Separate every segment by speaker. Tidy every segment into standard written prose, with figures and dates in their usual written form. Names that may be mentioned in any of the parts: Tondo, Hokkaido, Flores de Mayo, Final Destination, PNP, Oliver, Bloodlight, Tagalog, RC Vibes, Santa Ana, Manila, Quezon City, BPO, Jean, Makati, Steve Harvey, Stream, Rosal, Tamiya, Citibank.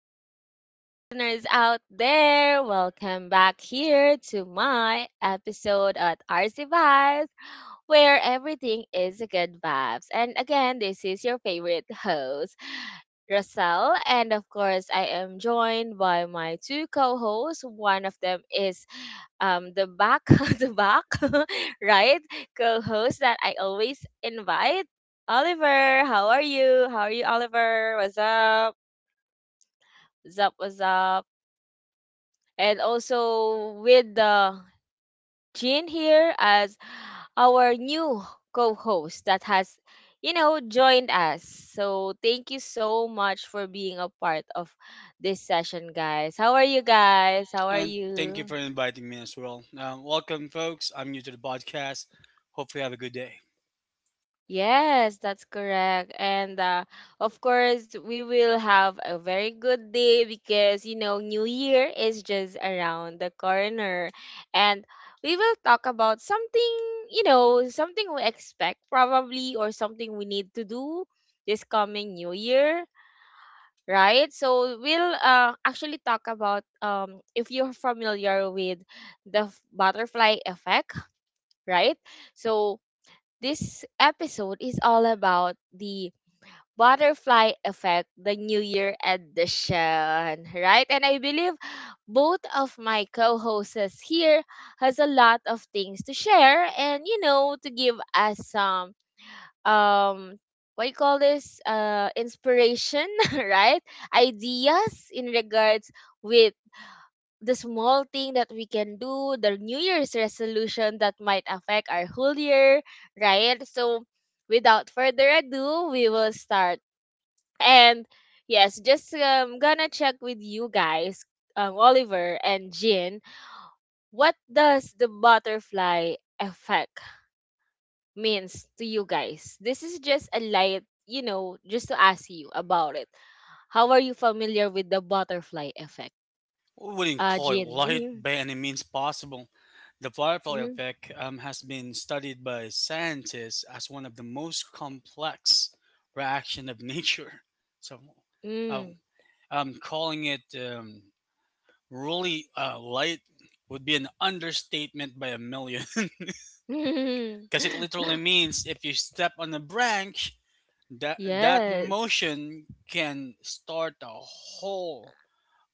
Speaker 1: Hello, my listeners out there. Welcome back here to my episode at RC Vibes, where everything is a good vibes. And again, this is your favorite host. Rosal, and of course, I am joined by my two co-hosts. One of them is the back, the back, right? Co-host that I always invite, Oliver. How are you? How are you, Oliver? What's up? What's up? What's up? And also with the Jean here as our new co-host that has, joined us. So thank you so much for being a part of this session, guys. How are you guys? How are
Speaker 2: And thank you
Speaker 1: you?
Speaker 2: for inviting me as well. Welcome, folks. I'm new to the podcast. Hopefully, have a good day.
Speaker 1: Yes, that's correct. And of course, we will have a very good day because, you know, New Year is just around the corner. And we will talk about something, something we expect probably or something we need to do this coming New Year, right? So we'll actually talk about if you're familiar with the butterfly effect, right? So, this episode is all about the butterfly effect, the New Year edition, right? And I believe both of my co-hosts here has a lot of things to share and you know to give us some um what you call this inspiration, right? Ideas in regards with the small thing that we can do, the New Year's resolution that might affect our whole year, right? So, without further ado, we will start. And yes, just gonna check with you guys, Oliver and Jin, what does the butterfly effect means to you guys? This is just a light, you know, just to ask you about it. How are you familiar with the butterfly effect?
Speaker 2: We wouldn't call it light
Speaker 1: Jin.
Speaker 2: by any means possible. The butterfly
Speaker 1: Mm-hmm. Mm-hmm.
Speaker 2: effect has been studied by scientists as one of the most complex reaction of nature. So, um,
Speaker 1: mm.
Speaker 2: calling it really light would be an understatement by a million, because it literally means if you step on a branch that that
Speaker 1: Yes.
Speaker 2: motion can start a whole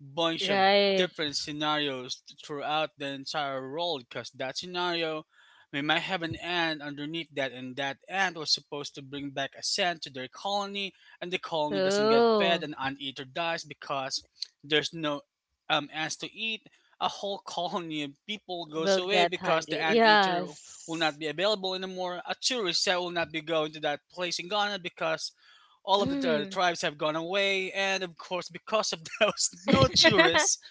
Speaker 2: bunch of
Speaker 1: Right.
Speaker 2: different scenarios throughout the entire world, because that scenario, we might have an ant underneath that, and that ant was supposed to bring back a scent to their colony, and the colony doesn't get fed,
Speaker 1: Too.
Speaker 2: and ant eater dies because there's no ants to eat. A whole colony of people goes
Speaker 1: Will
Speaker 2: away
Speaker 1: get
Speaker 2: because the
Speaker 1: hungry.
Speaker 2: ant eater will not
Speaker 1: Yes.
Speaker 2: be available anymore. A tourist that will not be going to that place in Ghana because all of the,
Speaker 1: Mm.
Speaker 2: tribes have gone away, and of course because of those, no tourists,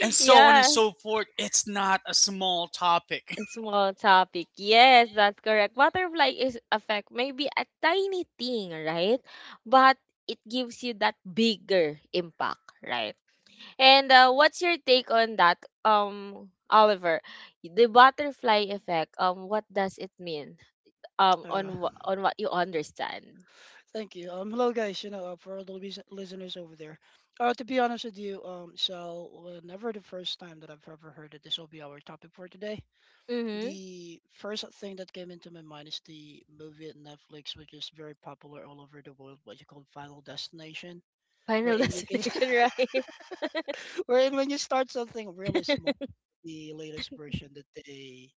Speaker 2: and so on and
Speaker 1: Yes.
Speaker 2: so forth. It's not a small topic.
Speaker 1: It's small topic. Yes, that's correct. Butterfly is affect maybe a tiny thing, right? But it gives you that bigger impact, right? And what's your take on that, Oliver? The butterfly effect, what does it mean?
Speaker 3: Uh,
Speaker 1: On on what you understand.
Speaker 3: thank you. Hello guys. For all the listeners over there, to be honest with you, never the first time that I've ever heard that this will be our topic for today.
Speaker 1: Mhm.
Speaker 3: The first thing that came into my mind is the movie at Netflix, which is very popular all over the world. What you call Final Destination,
Speaker 1: Final
Speaker 3: wherein you can,
Speaker 1: destination, right?
Speaker 3: wherein when you start something really small, the latest version that they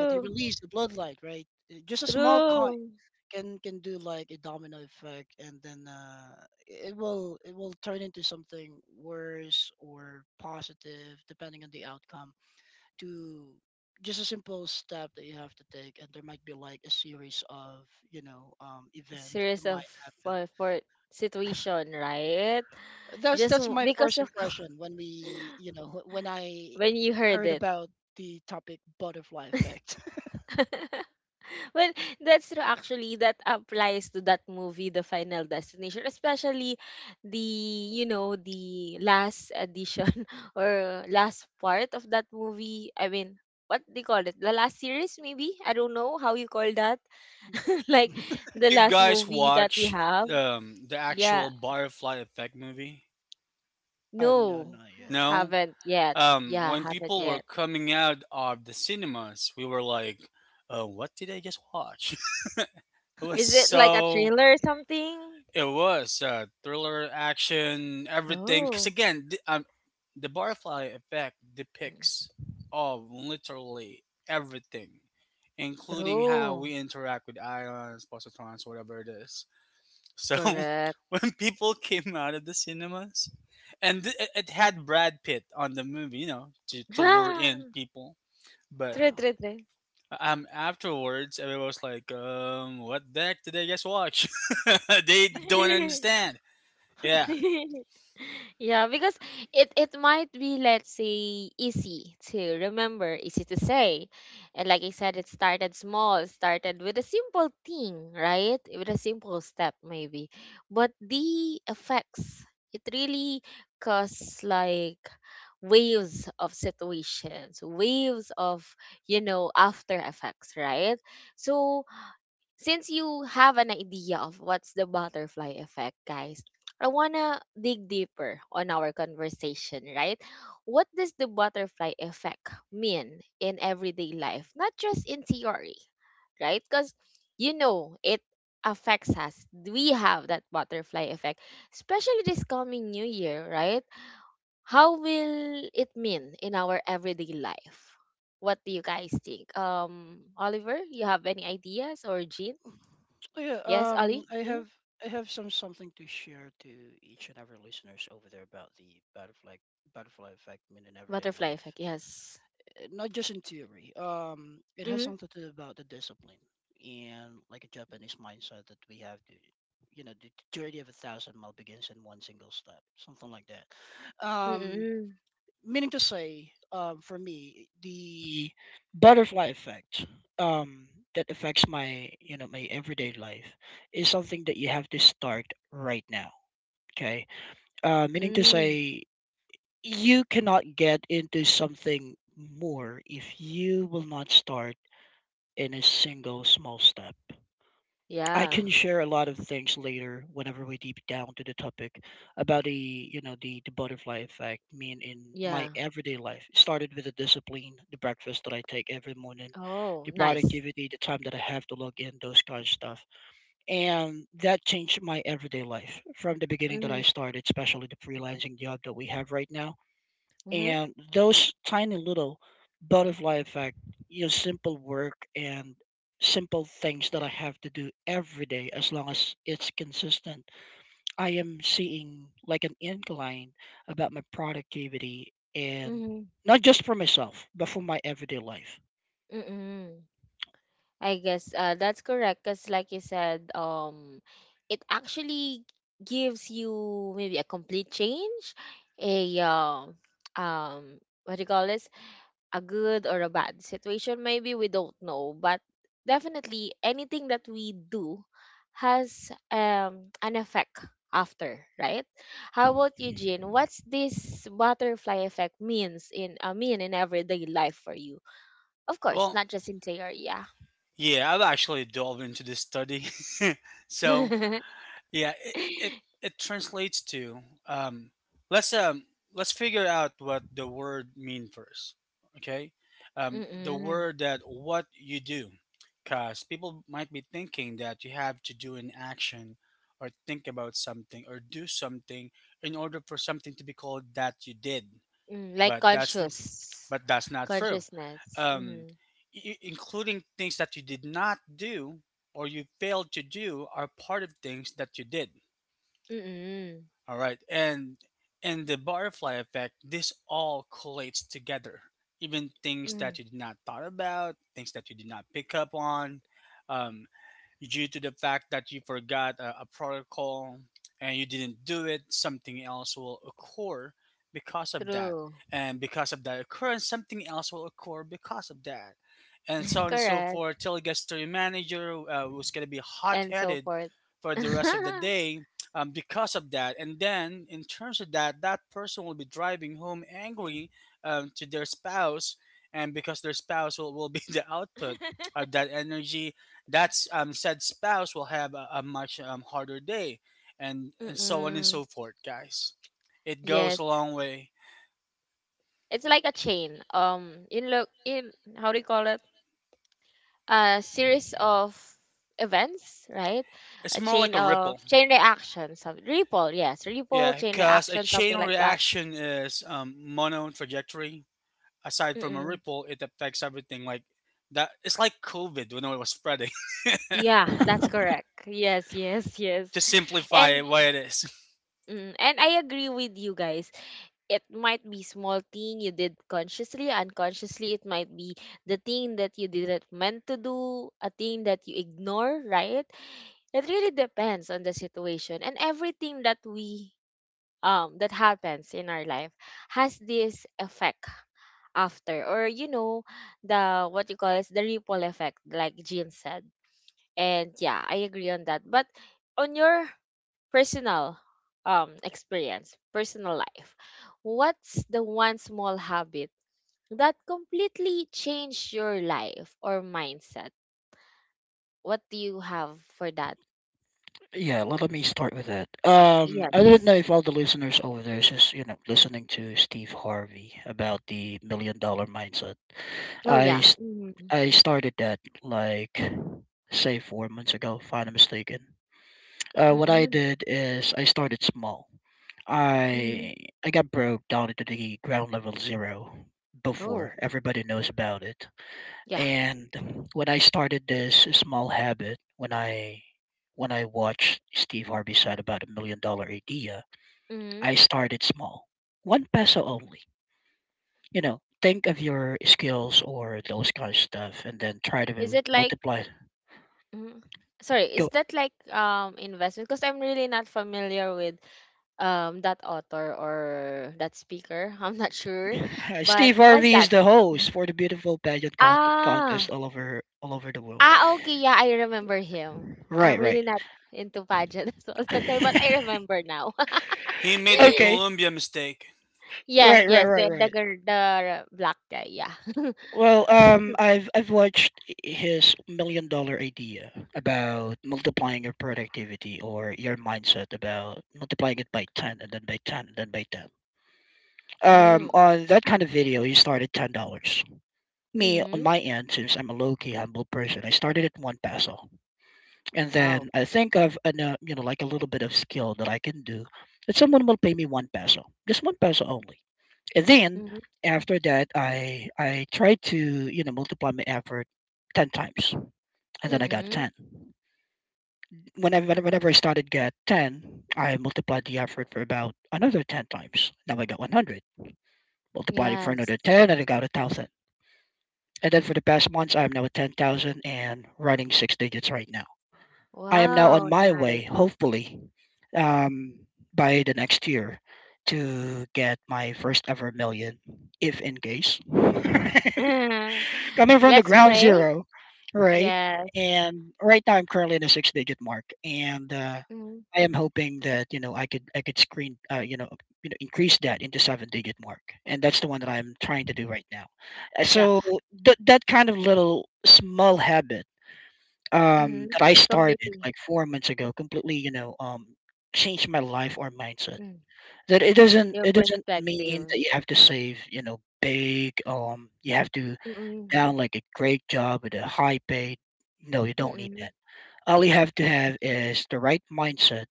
Speaker 3: that they released, the Bloodlight, right? Just a small coin.
Speaker 1: True.
Speaker 3: Can do like a domino effect, and then it will turn into something worse or positive depending on the outcome, to just a simple step that you have to take. And there might be like a series of event
Speaker 1: Series
Speaker 3: that
Speaker 1: of
Speaker 3: might happen.
Speaker 1: for situation, right?
Speaker 3: that's
Speaker 1: Just
Speaker 3: that's my
Speaker 1: because
Speaker 3: first
Speaker 1: of
Speaker 3: impression when we you know wh- when I
Speaker 1: when you heard
Speaker 3: heard
Speaker 1: it.
Speaker 3: about the topic butterfly effect.
Speaker 1: Well, that's true actually that applies to that movie The Final Destination, especially the you know, the last edition or last part of that movie. I mean, what they call it? The last series maybe? I don't know how you call that like
Speaker 2: Did
Speaker 1: the
Speaker 2: you
Speaker 1: last
Speaker 2: guys
Speaker 1: movie that we
Speaker 2: watch
Speaker 1: have.
Speaker 2: the
Speaker 1: Yeah.
Speaker 2: actual butterfly effect movie?
Speaker 3: Oh, no,
Speaker 1: No,
Speaker 3: not yet.
Speaker 2: No.
Speaker 1: haven't yet. Yeah,
Speaker 2: When
Speaker 1: haven't
Speaker 2: people were
Speaker 1: yet.
Speaker 2: coming out of the cinemas, we were like, what did I just watch? It was
Speaker 1: Is it like a
Speaker 2: so
Speaker 1: thriller or something?
Speaker 2: It was thriller, action, everything. Because
Speaker 1: Oh,
Speaker 2: again, the butterfly effect depicts all literally everything, including how
Speaker 1: true.
Speaker 2: we interact with ions, positrons, whatever it is. So
Speaker 1: Correct.
Speaker 2: when people came out of the cinemas, and it had Brad Pitt on the movie, you know, to lure in people. But
Speaker 1: True,
Speaker 3: Wow.
Speaker 1: true, true.
Speaker 2: afterwards, everyone was like, "What the heck did I just watch? They don't understand." Yeah.
Speaker 1: yeah, because it might be let's say easy to remember, easy to say. And like I said, it started small, it started with a simple thing, right? With a simple step maybe. But the effects, it really cause like waves of situations, waves of, you know, after effects, right? So since you have an idea of what's the butterfly effect, guys, I wanna dig deeper on our conversation, right? What does the butterfly effect mean in everyday life, not just in theory, right? Because you know it affects us. We have that butterfly effect, especially this coming new year, right? How will it mean in our everyday life? What do you guys think? Oliver, you have any ideas or Jean?
Speaker 3: Oh, yeah,
Speaker 1: Yes, Ali? Hmm
Speaker 3: I have some something to share to each and every listeners over there about the butterfly butterfly effect in an everyday
Speaker 1: Butterfly effect,
Speaker 3: life.
Speaker 1: yes.
Speaker 3: Not just in theory. It has
Speaker 1: Mm-hmm.
Speaker 3: something to do about the discipline and like a Japanese mindset that we have to, you know, the journey of a thousand mile begins in one single step, something like that. Um,
Speaker 1: Mm-mm.
Speaker 3: meaning to say, for me, the butterfly effect, um, that affects my, you know, my everyday life, is something that you have to start right now. Okay, meaning to
Speaker 1: Mm.
Speaker 3: say, you cannot get into something more if you will not start in a single small step. I
Speaker 1: Yeah.
Speaker 3: can share a lot of things later whenever we deep down to the topic about the the butterfly effect. I mean, in my
Speaker 1: Yeah.
Speaker 3: everyday life, it started with the discipline, the breakfast that I take every morning,
Speaker 1: Oh,
Speaker 3: the
Speaker 1: nice.
Speaker 3: productivity, the time that I have to log in, those kind of stuff, and that changed my everyday life from the beginning that
Speaker 1: Mm-hmm.
Speaker 3: I started, especially the freelancing job that we have right now.
Speaker 1: Mm-hmm.
Speaker 3: And those tiny little butterfly effect, you know, simple work and simple things that I have to do every day. As long as it's consistent, I am seeing like an incline about my productivity, and
Speaker 1: Mm-hmm.
Speaker 3: not just for myself but for my everyday life.
Speaker 1: Mm-hmm. I guess that's correct because, like you said, it actually gives you maybe a complete change, a what do you call this? A good or a bad situation. Maybe we don't know, but definitely anything that we do has an effect after, right? How about you, Jean? What's this butterfly effect means in mean in everyday life for you? Of course,
Speaker 2: Well,
Speaker 1: not just in theory, yeah.
Speaker 2: yeah, I've actually delved into this study. So yeah, it translates to um, let's um let's figure out what the word mean first. Okay, the
Speaker 1: Mm-mm.
Speaker 2: word that what you do, because people might be thinking that you have to do an action or think about something or do something in order for something to be called that you did,
Speaker 1: Mm, like
Speaker 2: but that's
Speaker 1: conscious
Speaker 2: but that's not true.
Speaker 1: consciousness.
Speaker 2: Um,
Speaker 1: Mm-hmm.
Speaker 2: I- including things that you did not do or you failed to do are part of things that you did.
Speaker 1: Mm-mm.
Speaker 2: All right, and the butterfly effect. This all collates together. Even things
Speaker 1: Mm,
Speaker 2: that you did not thought about, things that you did not pick up on, um, due to the fact that you forgot a protocol and you didn't do it, something else will occur because of that.
Speaker 1: true.
Speaker 2: And because of that occurrence, something else will occur because of that. And so on and so
Speaker 1: Correct.
Speaker 2: forth till it gets to your manager, who's going to be hot
Speaker 1: And so
Speaker 2: headed
Speaker 1: forth.
Speaker 2: for the rest of the day, because of that. And then, in terms of that, that person will be driving home angry, to their spouse, and because their spouse will be the output of that energy, that's said spouse will have a much harder day, and so on and
Speaker 1: Mm-mm.
Speaker 2: so forth, guys. It goes a
Speaker 1: Yes,
Speaker 2: long way.
Speaker 1: it's like a chain. In look in how do you call it? A series of events, right?
Speaker 2: It's
Speaker 1: A
Speaker 2: more like
Speaker 1: chain
Speaker 2: a
Speaker 1: of
Speaker 2: ripple,
Speaker 1: chain reaction, some ripple. Yes, ripple
Speaker 2: yeah,
Speaker 1: chain
Speaker 2: because a
Speaker 1: reaction,
Speaker 2: chain
Speaker 1: something like that.
Speaker 2: reaction is mono trajectory. Aside from a
Speaker 1: Mm-mm.
Speaker 2: ripple, it affects everything. Like that, it's like COVID when it was spreading.
Speaker 1: Yeah, that's correct. Yes, yes, yes.
Speaker 2: To simplify it,
Speaker 1: And
Speaker 2: what it is,
Speaker 1: Mm, and I agree with you guys. It might be small thing you did consciously, unconsciously. It might be the thing that you didn't meant to do, a thing that you ignore, right? It really depends on the situation and everything that we that happens in our life has this effect after or you know the what you call is the ripple effect like Jean said and yeah, I agree on that. But on your personal experience, personal life, what's the one small habit that completely changed your life or mindset? What do you have for that?
Speaker 3: Yeah, let me start with that. I don't know
Speaker 1: Yes.
Speaker 3: if all the listeners over there is just, you know, listening to Steve Harvey about the million dollar mindset.
Speaker 1: Oh
Speaker 3: i
Speaker 1: yeah. Mm-hmm.
Speaker 3: I started that like say 4 months ago, if I'm not mistaken. What I
Speaker 1: Mm-hmm.
Speaker 3: did is I started small.
Speaker 1: hmm
Speaker 3: I I got broke down into the ground level zero before
Speaker 1: Oh
Speaker 3: everybody knows about it.
Speaker 1: yeah.
Speaker 3: And when I started this small habit, when I watched Steve Harvey said about a million dollar idea,
Speaker 1: Mm-hmm.
Speaker 3: I started small, one peso only. You know, think of your skills or those kind of stuff, and then try
Speaker 1: Is
Speaker 3: to
Speaker 1: it like?
Speaker 3: multiply.
Speaker 1: Mhm. Sorry, is
Speaker 3: Go.
Speaker 1: that like investment? Because I'm really not familiar with that author or that speaker I'm not sure
Speaker 3: Steve
Speaker 1: but what's
Speaker 3: Harvey is
Speaker 1: that
Speaker 3: the host for the beautiful pageant contest
Speaker 1: ah
Speaker 3: all over the world.
Speaker 1: ah okay yeah I remember him I'm
Speaker 3: Right, right.
Speaker 1: really not into pageant so that's why but I remember now
Speaker 2: he made the
Speaker 3: Okay.
Speaker 2: Columbia mistake.
Speaker 1: yes
Speaker 3: Right, right,
Speaker 1: yes
Speaker 3: right,
Speaker 1: the
Speaker 3: right.
Speaker 1: the black guy yeah
Speaker 3: Well, I've watched his million dollar idea about multiplying your productivity or your mindset about multiplying it by ten and then by ten and then by ten.
Speaker 1: mm,
Speaker 3: On that kind of video, he started $10. Me, on
Speaker 1: mm-hmm
Speaker 3: my end, since I'm a low key humble person, I started at one peso. And
Speaker 1: wow
Speaker 3: then I think I've an, you know, like a little bit of skill that I can do that someone will pay me one peso, just one peso only. And then
Speaker 1: mm-hmm,
Speaker 3: after that, I try to, you know, multiply my effort ten times, and then I got
Speaker 1: mm-hmm.
Speaker 3: ten. Whenever I started get ten, I multiplied the effort for about another ten times. Now I got 100. Multiplied it for
Speaker 1: Yes
Speaker 3: another ten, and I got a thousand. And then for the past months, I'm now at 10,000 and running six digits right now. I am now on
Speaker 1: wow
Speaker 3: my
Speaker 1: nice
Speaker 3: way, hopefully, um, by the next year, to get my first ever million, if in case. Coming from the
Speaker 1: let's
Speaker 3: ground
Speaker 1: pray
Speaker 3: zero, right?
Speaker 1: yes
Speaker 3: And right now I'm currently in a six digit mark. And
Speaker 1: mm,
Speaker 3: I am hoping that, you know, I could screen increase that into seven digit mark. And that's the one that I'm trying to do right now. Uh,
Speaker 1: yeah
Speaker 3: So th- that kind of little small habit
Speaker 1: mm-hmm.
Speaker 3: that I started
Speaker 1: Completely
Speaker 3: like 4 months ago completely, changed my life or mindset.
Speaker 1: Mm-hmm.
Speaker 3: That it doesn't
Speaker 1: Your
Speaker 3: it doesn't mean
Speaker 1: perspective.
Speaker 3: that you have to save, you know, big, you have to
Speaker 1: Mm-mm.
Speaker 3: down like a great job with a high pay. No, you don't need
Speaker 1: Mm-mm.
Speaker 3: that. All you have to have is the right mindset,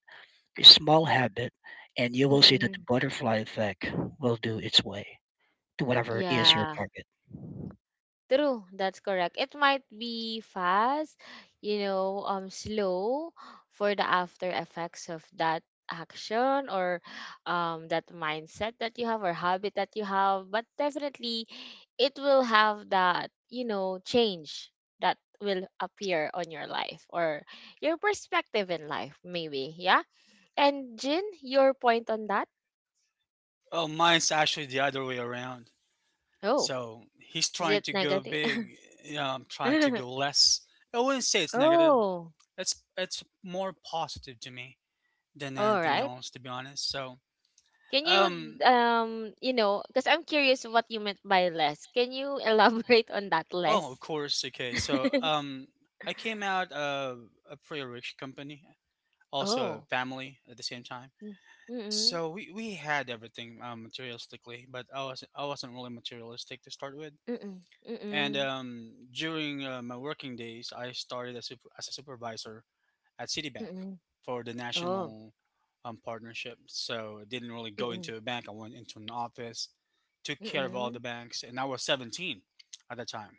Speaker 3: a small habit, and you will see that the
Speaker 1: Mm-mm.
Speaker 3: butterfly effect will do its way to whatever is your
Speaker 1: Yeah. True, that's correct. It might be fast, you know, slow for the after effects of that action or that mindset that you have or habit that you have, but definitely it will have that, you know, change that will appear on your life or your perspective in life maybe, yeah? And Jin, your point on that?
Speaker 2: Oh, mine's actually the other way around.
Speaker 1: Oh.
Speaker 2: So he's
Speaker 1: Is
Speaker 2: trying
Speaker 1: it
Speaker 2: to go
Speaker 1: negative?
Speaker 2: big. Yeah, I'm trying to go less. I wouldn't say it's negative.
Speaker 1: Oh,
Speaker 2: It's more positive to me than anything
Speaker 1: alright.
Speaker 2: else, to be honest.
Speaker 1: Can you,
Speaker 2: Um,
Speaker 1: you know, because I'm curious what you meant by less. Can you elaborate on that
Speaker 2: oh, of
Speaker 1: less?
Speaker 2: course, okay. I came out of a pretty rich company, also a
Speaker 1: Oh.
Speaker 2: family at the same time.
Speaker 1: Mm- Mm-mm.
Speaker 2: So we had everything materialistically, but I wasn't really materialistic to start with.
Speaker 1: Mm-mm.
Speaker 2: And
Speaker 1: Mm-mm.
Speaker 2: during my working days, I started as, as a supervisor at Citibank
Speaker 1: Mm-mm.
Speaker 2: for the
Speaker 1: Oh.
Speaker 2: national partnership. So I didn't really go
Speaker 1: Mm-mm.
Speaker 2: into a bank. I went into an office, took care of all the
Speaker 1: Mm-mm.
Speaker 2: banks, and I was 17 at the time.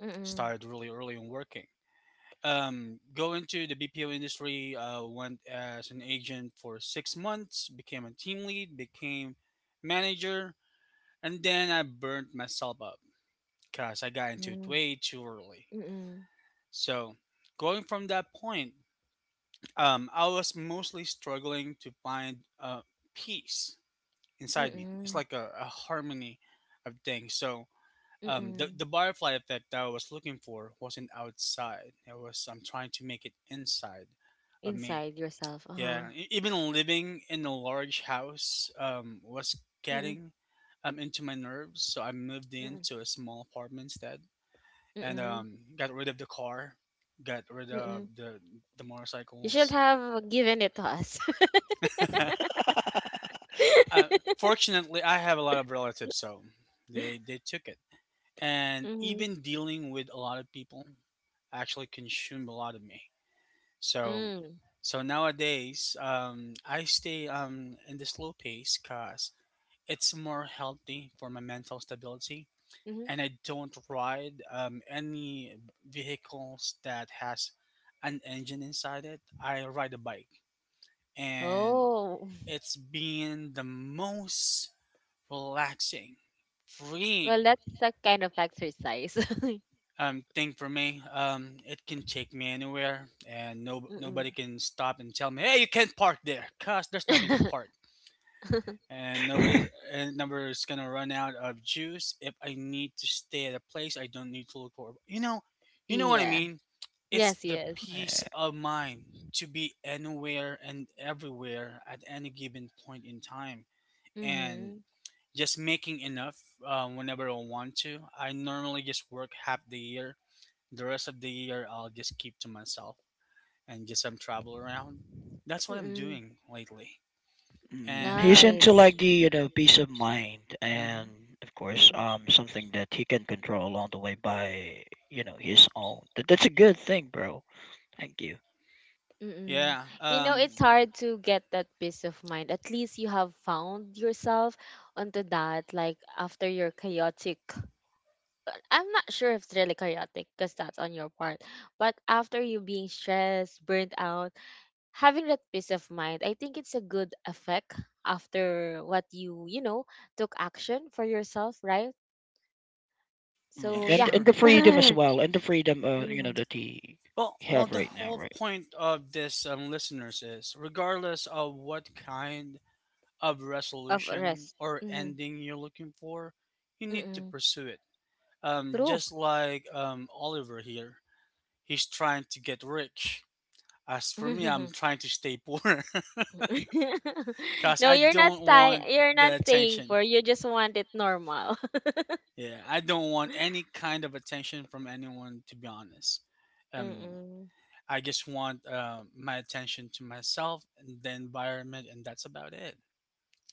Speaker 1: Mm-mm. Mm-mm.
Speaker 2: Started really early in working. Go into the BPO industry. Went as an agent for 6 months. Became a team lead. Became manager, and then I burnt myself up because I got into it way too early.
Speaker 1: Mm-mm. Mm-mm.
Speaker 2: So going from that point, I was mostly struggling to find peace inside me. It's
Speaker 1: Mm-mm.
Speaker 2: like a harmony of things. So
Speaker 1: Mm-mm.
Speaker 2: the butterfly effect that I was looking for wasn't outside. It was I'm trying to make it inside of me.
Speaker 1: Inside yourself. Uh-huh.
Speaker 2: Yeah, even living in a large house was
Speaker 1: Mm-mm.
Speaker 2: getting into my nerves. So I moved
Speaker 1: Mm-mm.
Speaker 2: into a small apartment instead, and
Speaker 1: Mm-mm.
Speaker 2: got rid of the car, got rid of
Speaker 1: Mm-mm.
Speaker 2: the
Speaker 1: You should
Speaker 2: motorcycles.
Speaker 1: have given it to us.
Speaker 2: Uh, fortunately, I have a lot of relatives, so they took it. And
Speaker 1: Mm-hmm.
Speaker 2: even dealing with a lot of people actually consumed a lot of me. So
Speaker 1: Mm-hmm.
Speaker 2: so nowadays, I stay in the slow pace because it's more healthy for my mental stability. And I don't ride any vehicles that has an engine inside it. I ride a bike, and
Speaker 1: Oh,
Speaker 2: it's been the most relaxing,
Speaker 1: well,
Speaker 2: freeing
Speaker 1: that's a kind of exercise.
Speaker 2: thing for me. It can take me anywhere, and no
Speaker 1: Mm-mm.
Speaker 2: nobody can stop and tell me, "Hey, you can't park there," cause there's nothing to park, and
Speaker 3: target.
Speaker 2: nobody's gonna run out of juice. If I need to stay at a place, I don't need to look for. You know what I
Speaker 1: Yeah.
Speaker 2: mean. It's
Speaker 1: Yes,
Speaker 2: the
Speaker 1: yes.
Speaker 2: peace of mind to be anywhere and everywhere at any given point in time, and
Speaker 1: Mm-hmm.
Speaker 2: just making enough, whenever I want to. I normally just work half the year. The rest of the year, I'll just keep to myself and just some travel around. That's what I'm
Speaker 1: Mm-mm.
Speaker 2: doing lately,
Speaker 3: Mm,
Speaker 2: and
Speaker 3: he's
Speaker 2: I've.
Speaker 3: into
Speaker 1: Nice.
Speaker 3: like the, you know, peace of mind,
Speaker 2: Mhm.
Speaker 3: and of course
Speaker 1: Mm-mm.
Speaker 3: something that he can control along the way by, you know, his own. That, that's a good thing, bro. Thank you.
Speaker 1: Mm-mm.
Speaker 2: Yeah.
Speaker 1: You know, it's hard to get that peace of mind. At least you have found yourself onto that, like after your chaotic. But I'm not sure if it's really chaotic because that's on your part, but after you being stressed, burnt out, having that peace of mind, I think it's a good effect after what you know, took action for yourself, right?
Speaker 2: Yeah.
Speaker 3: Mm,
Speaker 1: So,
Speaker 3: And
Speaker 1: yeah.
Speaker 3: and
Speaker 2: Sure.
Speaker 3: the freedom as well, and the freedom, you know,
Speaker 1: mm,
Speaker 3: that he
Speaker 2: Well, well,
Speaker 3: have
Speaker 2: the
Speaker 3: right now,
Speaker 2: whole
Speaker 3: right?
Speaker 2: point of this, listeners, is regardless of what kind of
Speaker 1: of
Speaker 2: resolution
Speaker 1: rest.
Speaker 2: or
Speaker 1: Mm,
Speaker 2: ending you're looking for, you need to
Speaker 1: mm-mm.
Speaker 2: pursue it. Um,
Speaker 1: True.
Speaker 2: just like um, Oliver here, he's trying to get rich. As for me, I'm trying to stay poor because
Speaker 1: no,
Speaker 2: I
Speaker 1: you're not
Speaker 2: don't
Speaker 1: staying.
Speaker 2: want
Speaker 1: You're not
Speaker 2: the
Speaker 1: staying
Speaker 2: attention.
Speaker 1: poor. You just want it normal.
Speaker 2: Yeah, I don't want any kind of attention from anyone, to be honest. Um,
Speaker 1: Mm-mm.
Speaker 2: I just want my attention to myself and the environment, and that's about it.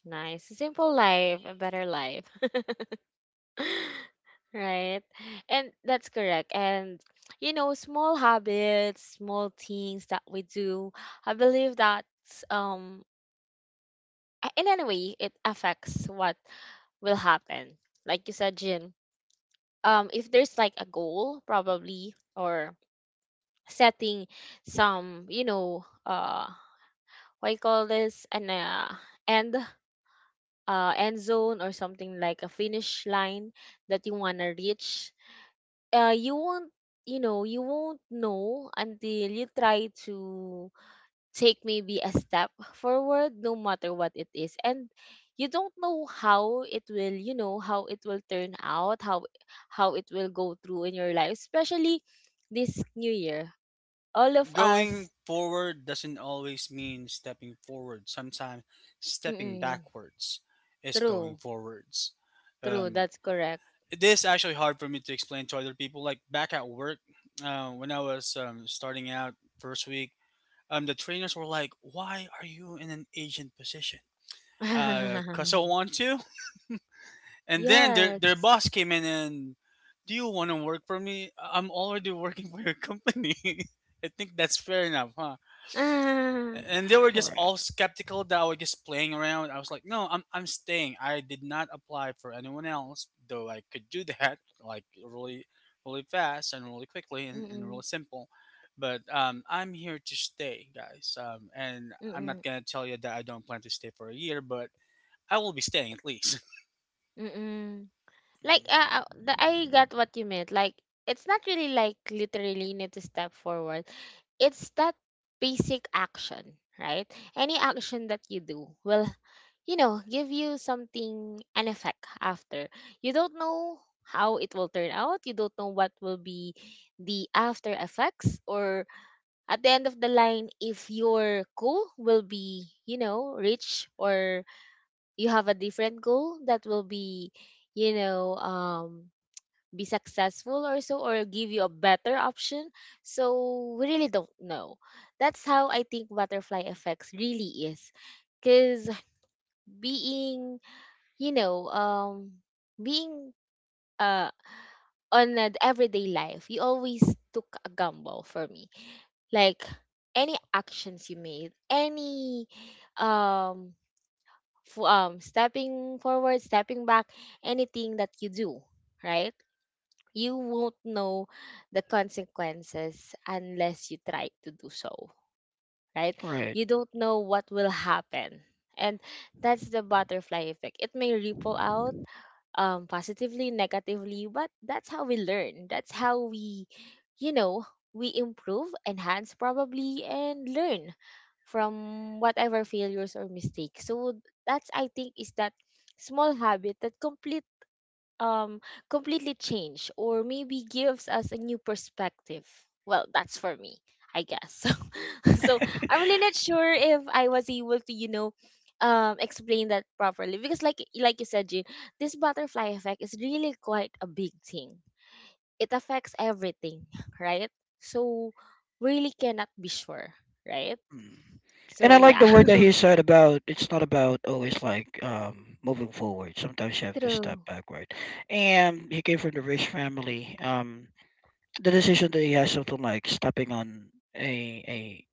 Speaker 1: Nice. Simple life, a better life. Right. And that's correct. And, you know, small habits, small things that we do, I believe that, um, in any way, it affects what will happen. Like you said, Jin, if there's like a goal, probably, or setting some, you know, what you call this, an end, end zone or something like a finish line that you wanna reach. You won't you know you won't know until you try to take maybe a step forward no matter what it is and you don't know how it will you know how it will turn out how it will go through in your life especially this new year all
Speaker 2: Yeah,
Speaker 1: of us
Speaker 2: going forward doesn't always mean stepping forward. Sometimes stepping
Speaker 1: mm
Speaker 2: backwards is going
Speaker 1: true
Speaker 2: forwards.
Speaker 1: true
Speaker 2: Um,
Speaker 1: that's correct
Speaker 2: it is actually hard for me to explain to other people. Like back at work, when I was starting out first week, the trainers were like, "Why are you in an agent position?" Cause I want to. And then their
Speaker 1: yes
Speaker 2: boss came in and, "Do you want to work for me? I'm already working for your company." I think that's fair enough, huh?
Speaker 1: ah,
Speaker 2: And they were just
Speaker 3: Right.
Speaker 2: all skeptical that I was just playing around. I was like, no, I'm staying. I did not apply for anyone else, though I could do that like really really fast and really quickly and
Speaker 1: mm-mm,
Speaker 2: really simple. But I'm here to stay, guys. And I'm
Speaker 1: mm-mm,
Speaker 2: not gonna tell you that I don't plan to stay for a year, but I will be staying at least.
Speaker 1: mm-mm. Like,
Speaker 3: Mm.
Speaker 1: the, I got what you meant. Like, it's not really like literally you need to step forward. It's that basic action, right? Any action that you do will, you know, give you something, an effect after. You don't know how it will turn out. You don't know what will be the after effects or at the end of the line if your goal will be, you know, reached or you have a different goal that will be you know be successful or so or give you a better option so we really don't know that's how I think butterfly effects really is because being you know being uh on an everyday life you always took a gamble for me like any actions you made any um stepping forward stepping back anything that you do right you won't know the consequences unless you try to do so, right?
Speaker 3: Right.
Speaker 1: You don't know what will happen. And that's the butterfly effect. It may ripple out positively, negatively, but that's how we learn. That's how we, you know, we improve, enhance probably, and learn from whatever failures or mistakes. So that's, I think, is that small habit that um completely change or maybe gives us a new perspective. Well, that's for me, I guess. So I'm really not sure if I was able to explain that properly because like you said, Jean, this butterfly effect is really quite a big thing. It affects everything, right? So we really cannot be sure, right?
Speaker 3: Mm. And
Speaker 1: So
Speaker 3: I like
Speaker 1: yeah.
Speaker 3: the word that he said about it's not about always like, moving forward. Sometimes you have to step
Speaker 1: True.
Speaker 3: backward. And he came from the rich family. The decision that he has of like stepping on a a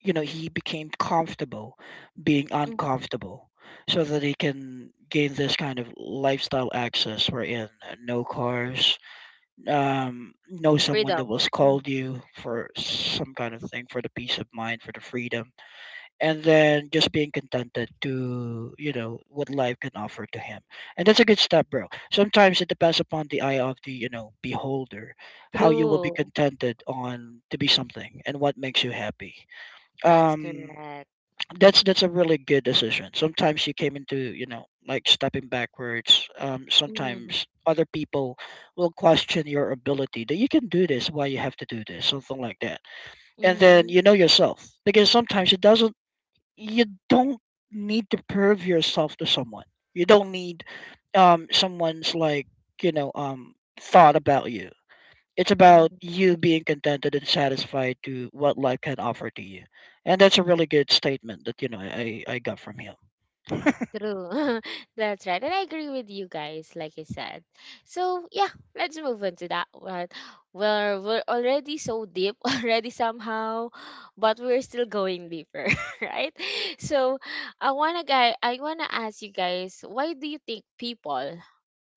Speaker 3: you know, he became comfortable being
Speaker 1: Mm,
Speaker 3: uncomfortable so that he can gain this kind of lifestyle access, wherein no cars, no someone that
Speaker 1: freedom.
Speaker 3: will
Speaker 1: Mhm.
Speaker 3: scold you for some kind of thing, for the peace of mind, for the freedom, and then just being contented to, you know, what life can offer to him. And that's a good step, bro. Sometimes it depends upon the eye of the, you know, beholder, how you will be
Speaker 1: True.
Speaker 3: contented on to be something and what makes you happy.
Speaker 1: That's
Speaker 3: um
Speaker 1: correct.
Speaker 3: that's a really good decision. Sometimes you came into, you know, like stepping backwards.
Speaker 1: Mm-hmm.
Speaker 3: Sometimes other people will question your ability that you can do this, why you have to do this, something like that. And then
Speaker 1: Mm-hmm.
Speaker 3: you know yourself, because sometimes it doesn't, you don't need to prove yourself to someone. You don't need someone's like, you know, um thought about you. It's about
Speaker 1: Mm-hmm.
Speaker 3: you being contented and satisfied to what life can offer to you. And that's a really good statement that, you know, I got from him.
Speaker 1: True. That's right. And I agree with you guys, like I said. So, yeah, let's move on to that one. Well, we're already so deep already somehow, but we're still going deeper, right? So, I wanna ask you guys, why do you think people,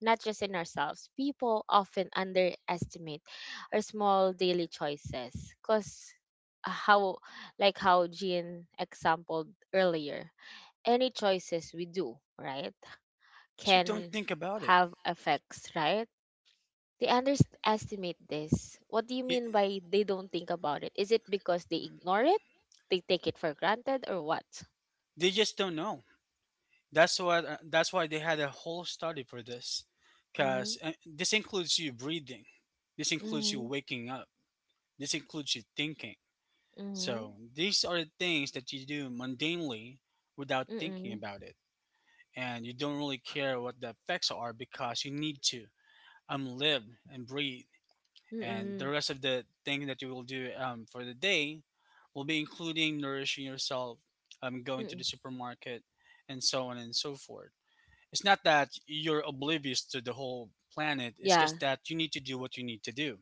Speaker 1: not just in ourselves, people often underestimate our small daily choices? Cause, uh, how how Jean exampled earlier, any choices we do, right,
Speaker 2: So don't
Speaker 1: can
Speaker 2: think about it.
Speaker 1: have effects, right? They underestimate this. What do you
Speaker 2: Y-
Speaker 1: mean by they don't think about it? Is it because they ignore it? They take it for granted or what?
Speaker 2: They just don't know. That's what. That's why they had a whole study for this, because
Speaker 1: Mm,
Speaker 2: this includes you breathing, this includes you
Speaker 1: mm,
Speaker 2: waking up, this includes you thinking.
Speaker 1: mm,
Speaker 2: So these are the things that you do mundanely without
Speaker 1: mm,
Speaker 2: thinking
Speaker 1: mm,
Speaker 2: about it, and you don't really care what the effects are because you need to live and breathe, and the
Speaker 1: mm,
Speaker 2: rest of the thing that you will do, for the day will be including nourishing yourself, going to
Speaker 1: mm.
Speaker 2: the supermarket, and so on and so forth. It's not that you're oblivious to the whole planet, it's
Speaker 1: Yeah,
Speaker 2: just that you need to do what you need to do.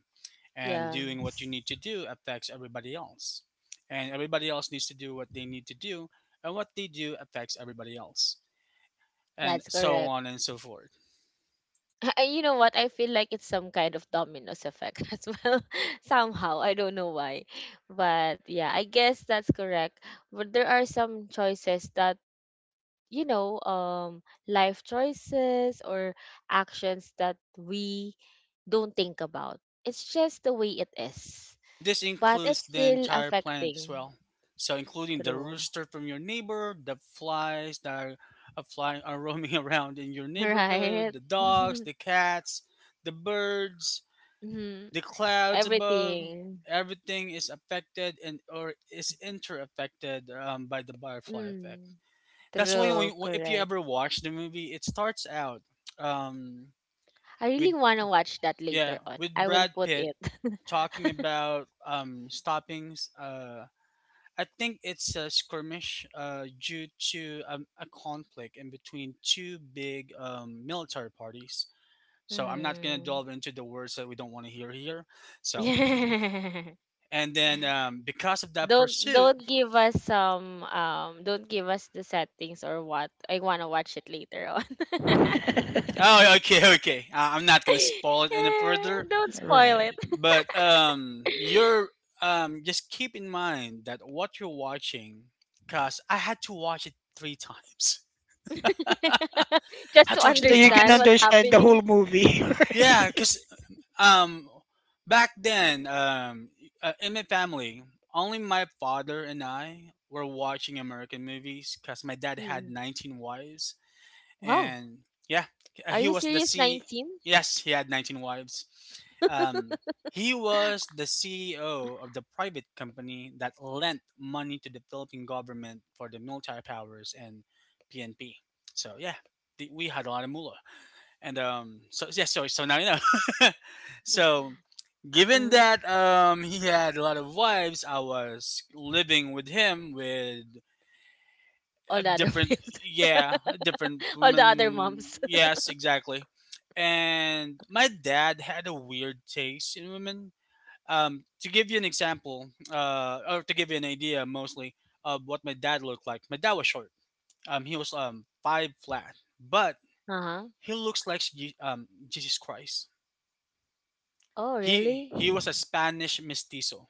Speaker 2: And
Speaker 1: yeah.
Speaker 2: doing what you need to do affects everybody else. And everybody else needs to do what they need to do, and what they do affects everybody else. And
Speaker 1: That's
Speaker 2: so
Speaker 1: correct.
Speaker 2: on and so forth.
Speaker 1: You know what? I feel like it's some kind of dominoes effect as well. Somehow, I don't know why, but yeah, I guess that's correct. But there are some choices that, life choices or actions that we don't think about. It's just the way it is,
Speaker 2: And this
Speaker 1: but
Speaker 2: includes
Speaker 1: it's
Speaker 2: the
Speaker 1: still
Speaker 2: entire planet as
Speaker 1: affecting.
Speaker 2: well. So, including the
Speaker 1: True,
Speaker 2: rooster from your neighbor, the flies that are flying are roaming around in your neighborhood,
Speaker 1: right?
Speaker 2: the dogs, the cats, the birds,
Speaker 1: Mhm.
Speaker 2: the clouds above,
Speaker 1: Everything.
Speaker 2: everything is affected and or is interaffected, by the butterfly effect.
Speaker 1: Mm,
Speaker 2: That's why when,
Speaker 1: true,
Speaker 2: if you
Speaker 1: correct.
Speaker 2: ever watch the movie, it starts out, um,
Speaker 1: I
Speaker 2: with
Speaker 1: really want to watch that
Speaker 2: yeah
Speaker 1: later on.
Speaker 2: with
Speaker 1: I will
Speaker 2: Brad
Speaker 1: put
Speaker 2: Pitt
Speaker 1: it.
Speaker 2: talking about stopping. I think it's a skirmish, due to a conflict in between two big military parties. So, I'm not gonna
Speaker 1: Mm.
Speaker 2: delve into the words that we don't want to hear here. So and then because of that
Speaker 1: don't
Speaker 2: pursuit
Speaker 1: don't give us some um don't give us the settings or what. I want to watch it later on.
Speaker 2: oh okay okay I- i'm not gonna spoil it any
Speaker 1: Yeah,
Speaker 2: further,
Speaker 1: don't spoil it.
Speaker 3: Right.
Speaker 2: but you're just keep in mind that what you're watching because I had to watch it three times. I
Speaker 1: Just
Speaker 2: had
Speaker 1: to
Speaker 2: to watch
Speaker 3: So
Speaker 2: it
Speaker 3: that
Speaker 2: three
Speaker 3: you can
Speaker 1: understand
Speaker 2: times.
Speaker 1: what's
Speaker 3: understand the
Speaker 1: happening.
Speaker 3: whole movie.
Speaker 2: yeah
Speaker 3: Right?
Speaker 2: because um back then um uh, in my family, only my father and I were watching American movies because my dad had
Speaker 1: Mm.
Speaker 2: 19 wives.
Speaker 1: Wow.
Speaker 2: and yeah,
Speaker 1: Are
Speaker 2: he
Speaker 1: you
Speaker 2: was the
Speaker 1: serious,
Speaker 2: C.
Speaker 1: 19?
Speaker 2: Yes, he had 19 wives. Um, he was the CEO of the private company that lent money to the Philippine government for the military powers and PNP. So yeah, we had a lot of mullah. And so yeah, so so now you know.
Speaker 1: Mm.
Speaker 2: so Given
Speaker 1: Mm.
Speaker 2: that he had a lot of wives, I was living with him with
Speaker 1: All
Speaker 2: a
Speaker 1: the other
Speaker 2: different
Speaker 1: moms.
Speaker 2: yeah a different
Speaker 1: All the other
Speaker 2: woman,
Speaker 1: moms.
Speaker 2: yes, exactly. And my dad had a weird taste in women. To give you an example, or to give you an idea, mostly of what my dad looked like: my dad was short. He was five flat, but
Speaker 1: Uh-huh.
Speaker 2: he looks like Jesus Christ.
Speaker 1: Oh,
Speaker 2: he
Speaker 1: really?
Speaker 2: he was a Spanish mestizo,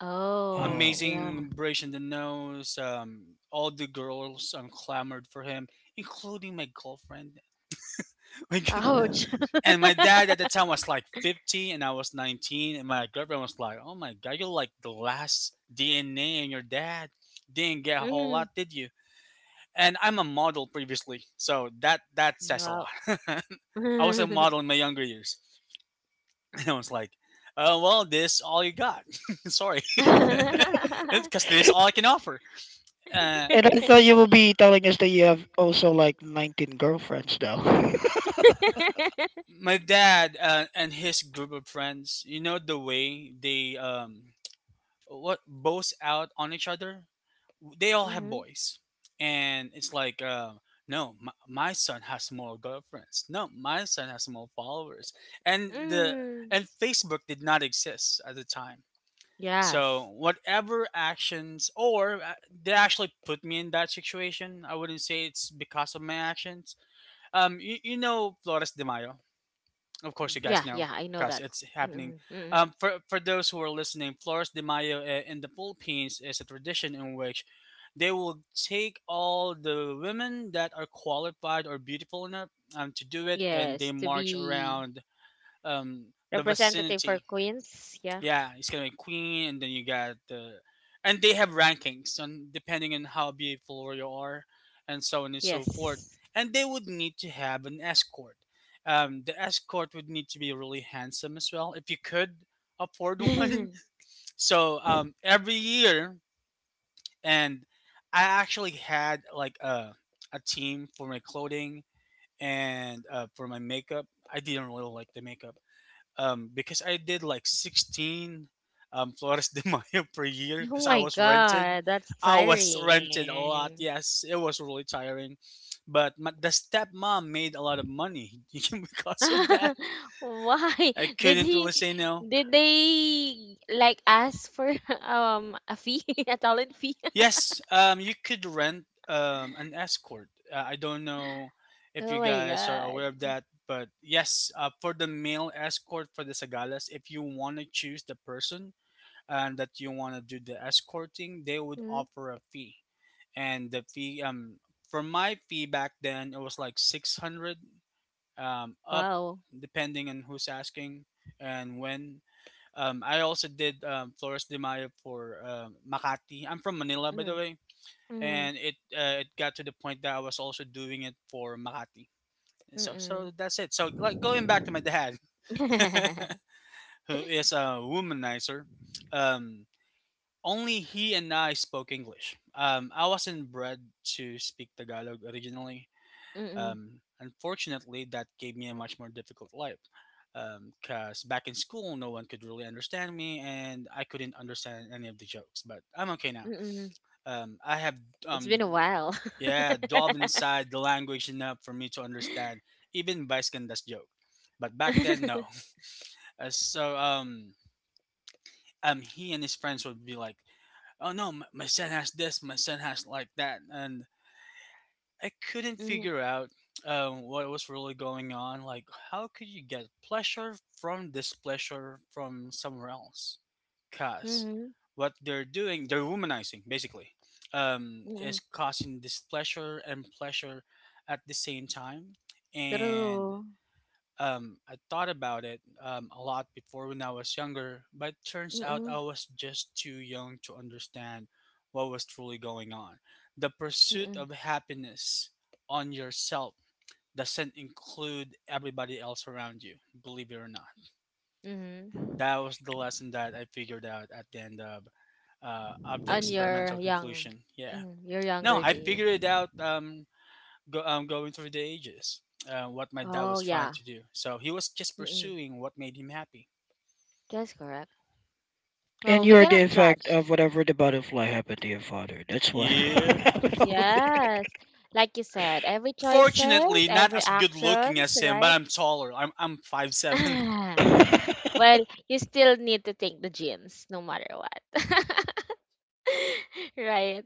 Speaker 1: Oh,
Speaker 3: Oh.
Speaker 1: yeah.
Speaker 2: amazing bridge in the nose. All the girls clamored for him, including my girlfriend. Like,
Speaker 1: Ouch.
Speaker 2: and my dad at the time was like 50 and I was 19. And my girlfriend was like, oh my God, you're like the last DNA in your dad. Didn't get a whole
Speaker 1: Mm.
Speaker 2: lot, did you? And I'm a model previously. So that says a
Speaker 1: No.
Speaker 2: lot. I was a model in my younger years. And I was like, well, this all you got. Sorry. Because this is all I can offer. Uh,
Speaker 3: And I thought you will be telling us that you have also like 19 girlfriends though.
Speaker 2: my dad and his group of friends, you know the way they what boast out on each other, they all have
Speaker 1: Mhm.
Speaker 2: boys. And it's like uh, no, my son has more girlfriends, no my son has more followers. and the
Speaker 1: Mm.
Speaker 2: and Facebook did not exist at the time, so
Speaker 1: Yes.
Speaker 2: whatever actions or they actually put me in that situation, I wouldn't say it's because of my actions. You know Flores de Mayo, of
Speaker 1: Yeah,
Speaker 2: course, you
Speaker 1: yeah, I
Speaker 2: guys
Speaker 1: know
Speaker 2: know
Speaker 1: that.
Speaker 2: because it's
Speaker 1: Mm-mm,
Speaker 2: happening.
Speaker 1: mm-mm.
Speaker 2: For those who are listening, Flores de Mayo in the Philippines is a tradition in which they will take all the women that are qualified or beautiful enough to do it, and
Speaker 1: Yes,
Speaker 2: they
Speaker 1: to
Speaker 2: march
Speaker 1: be
Speaker 2: around the
Speaker 1: representative for
Speaker 2: vicinity.
Speaker 1: Queens. Yeah.
Speaker 2: Yeah, it's gonna be queen, and then you got the, and they have rankings on depending on how beautiful you are, and so on and so forth.
Speaker 1: Yes.
Speaker 2: And they would need to have an escort. The escort would need to be really handsome as well, if you could afford one. So every year, and I actually had like a team for my clothing and for my makeup. I didn't really like the makeup, because I did like 16 Flores de Mayo per year
Speaker 1: Oh
Speaker 2: because I
Speaker 1: my
Speaker 2: was rented.
Speaker 1: God, that's
Speaker 2: I was rented a lot.
Speaker 1: tiring.
Speaker 2: Yes, it was really tiring. But the stepmom made a lot of money because of that.
Speaker 1: Why
Speaker 2: I
Speaker 1: did
Speaker 2: couldn't
Speaker 1: he?
Speaker 2: really say no.
Speaker 1: Did they like ask for a fee, a talent fee?
Speaker 2: Yes, you could rent an escort. I don't know if
Speaker 1: Oh
Speaker 2: you
Speaker 1: my
Speaker 2: guys are
Speaker 1: god!
Speaker 2: aware of that, but yes, for the male escort for the Sagalas, if you want to choose the person and that you want to do the escorting, they would
Speaker 1: Mhm.
Speaker 2: offer a fee. And the fee, for my fee back then, it was like 600 up,
Speaker 1: Wow.
Speaker 2: depending on who's asking and when. I also did Flores de Mayo for Makati. I'm from Manila, by the
Speaker 1: Mm.
Speaker 2: way,
Speaker 1: Mm.
Speaker 2: and it got to the point that I was also doing it for Makati. And so
Speaker 1: Mm.
Speaker 2: that's it. So, like, going back to my dad, who is a womanizer. Um, Only he and I spoke English. I wasn't bred to speak Tagalog originally.
Speaker 1: Mm.
Speaker 2: Unfortunately, that gave me a much more difficult life, because back in school, no one could really understand me, and I couldn't understand any of the jokes. But I'm okay now.
Speaker 1: Mm. Mm.
Speaker 2: I have,
Speaker 1: It's
Speaker 2: um,
Speaker 1: been a while.
Speaker 2: yeah, dove inside the language enough for me to understand even Visconda's joke. But back then, no. Uh, so um, he and his friends would be like, oh no, my son has this, my son has like that, and I couldn't
Speaker 1: Mm.
Speaker 2: figure out what was really going on. Like, how could you get pleasure from displeasure from somewhere else? Cause
Speaker 1: Mm.
Speaker 2: what they're doing, they're womanizing basically, is
Speaker 1: Mm.
Speaker 2: causing displeasure and pleasure at the same time, and
Speaker 1: True.
Speaker 2: um, I thought about it a lot before when I was younger, but turns out I
Speaker 1: Mm.
Speaker 2: was just too young to understand what was truly going on. The pursuit
Speaker 1: Mm.
Speaker 2: of happiness on yourself doesn't include everybody else around you, believe it or not.
Speaker 1: Mm.
Speaker 2: That was the lesson that I figured out at the end of the
Speaker 1: On your
Speaker 2: experimental
Speaker 1: young,
Speaker 2: conclusion. Yeah.
Speaker 1: your
Speaker 2: No,
Speaker 1: younger
Speaker 2: I
Speaker 1: days.
Speaker 2: figured it out going through the ages, what my dad
Speaker 1: Oh
Speaker 2: was
Speaker 1: yeah.
Speaker 2: trying to do. So he was just
Speaker 1: Mm.
Speaker 2: pursuing what made him happy.
Speaker 1: That's correct. Well,
Speaker 3: And
Speaker 1: we
Speaker 3: you're the
Speaker 1: cannot
Speaker 3: effect
Speaker 1: judge.
Speaker 3: of whatever the butterfly happened to your father. That's what
Speaker 2: Yeah.
Speaker 3: happened over there.
Speaker 1: Yes. Like you said, every choices,
Speaker 2: Unfortunately, not
Speaker 1: every
Speaker 2: as good looking
Speaker 1: actions,
Speaker 2: as him, but
Speaker 1: right?
Speaker 2: I'm taller. I'm 5'7".
Speaker 1: Well, you still need to take the genes no matter what. Right.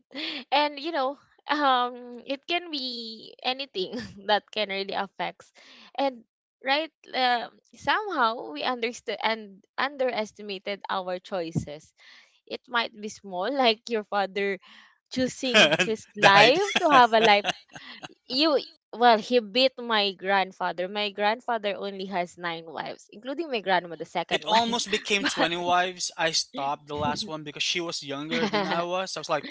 Speaker 1: And, you know, it can be anything that can really affects. And right, somehow we understood and underestimated our choices. It might be small like your father choosing his
Speaker 2: The height.
Speaker 1: life to have a life you well he beat My grandfather only has nine wives, including my grandma, the
Speaker 2: It
Speaker 1: second wife.
Speaker 2: almost became
Speaker 1: But
Speaker 2: 20 wives. I stopped the last one because she was younger than I was. I was like,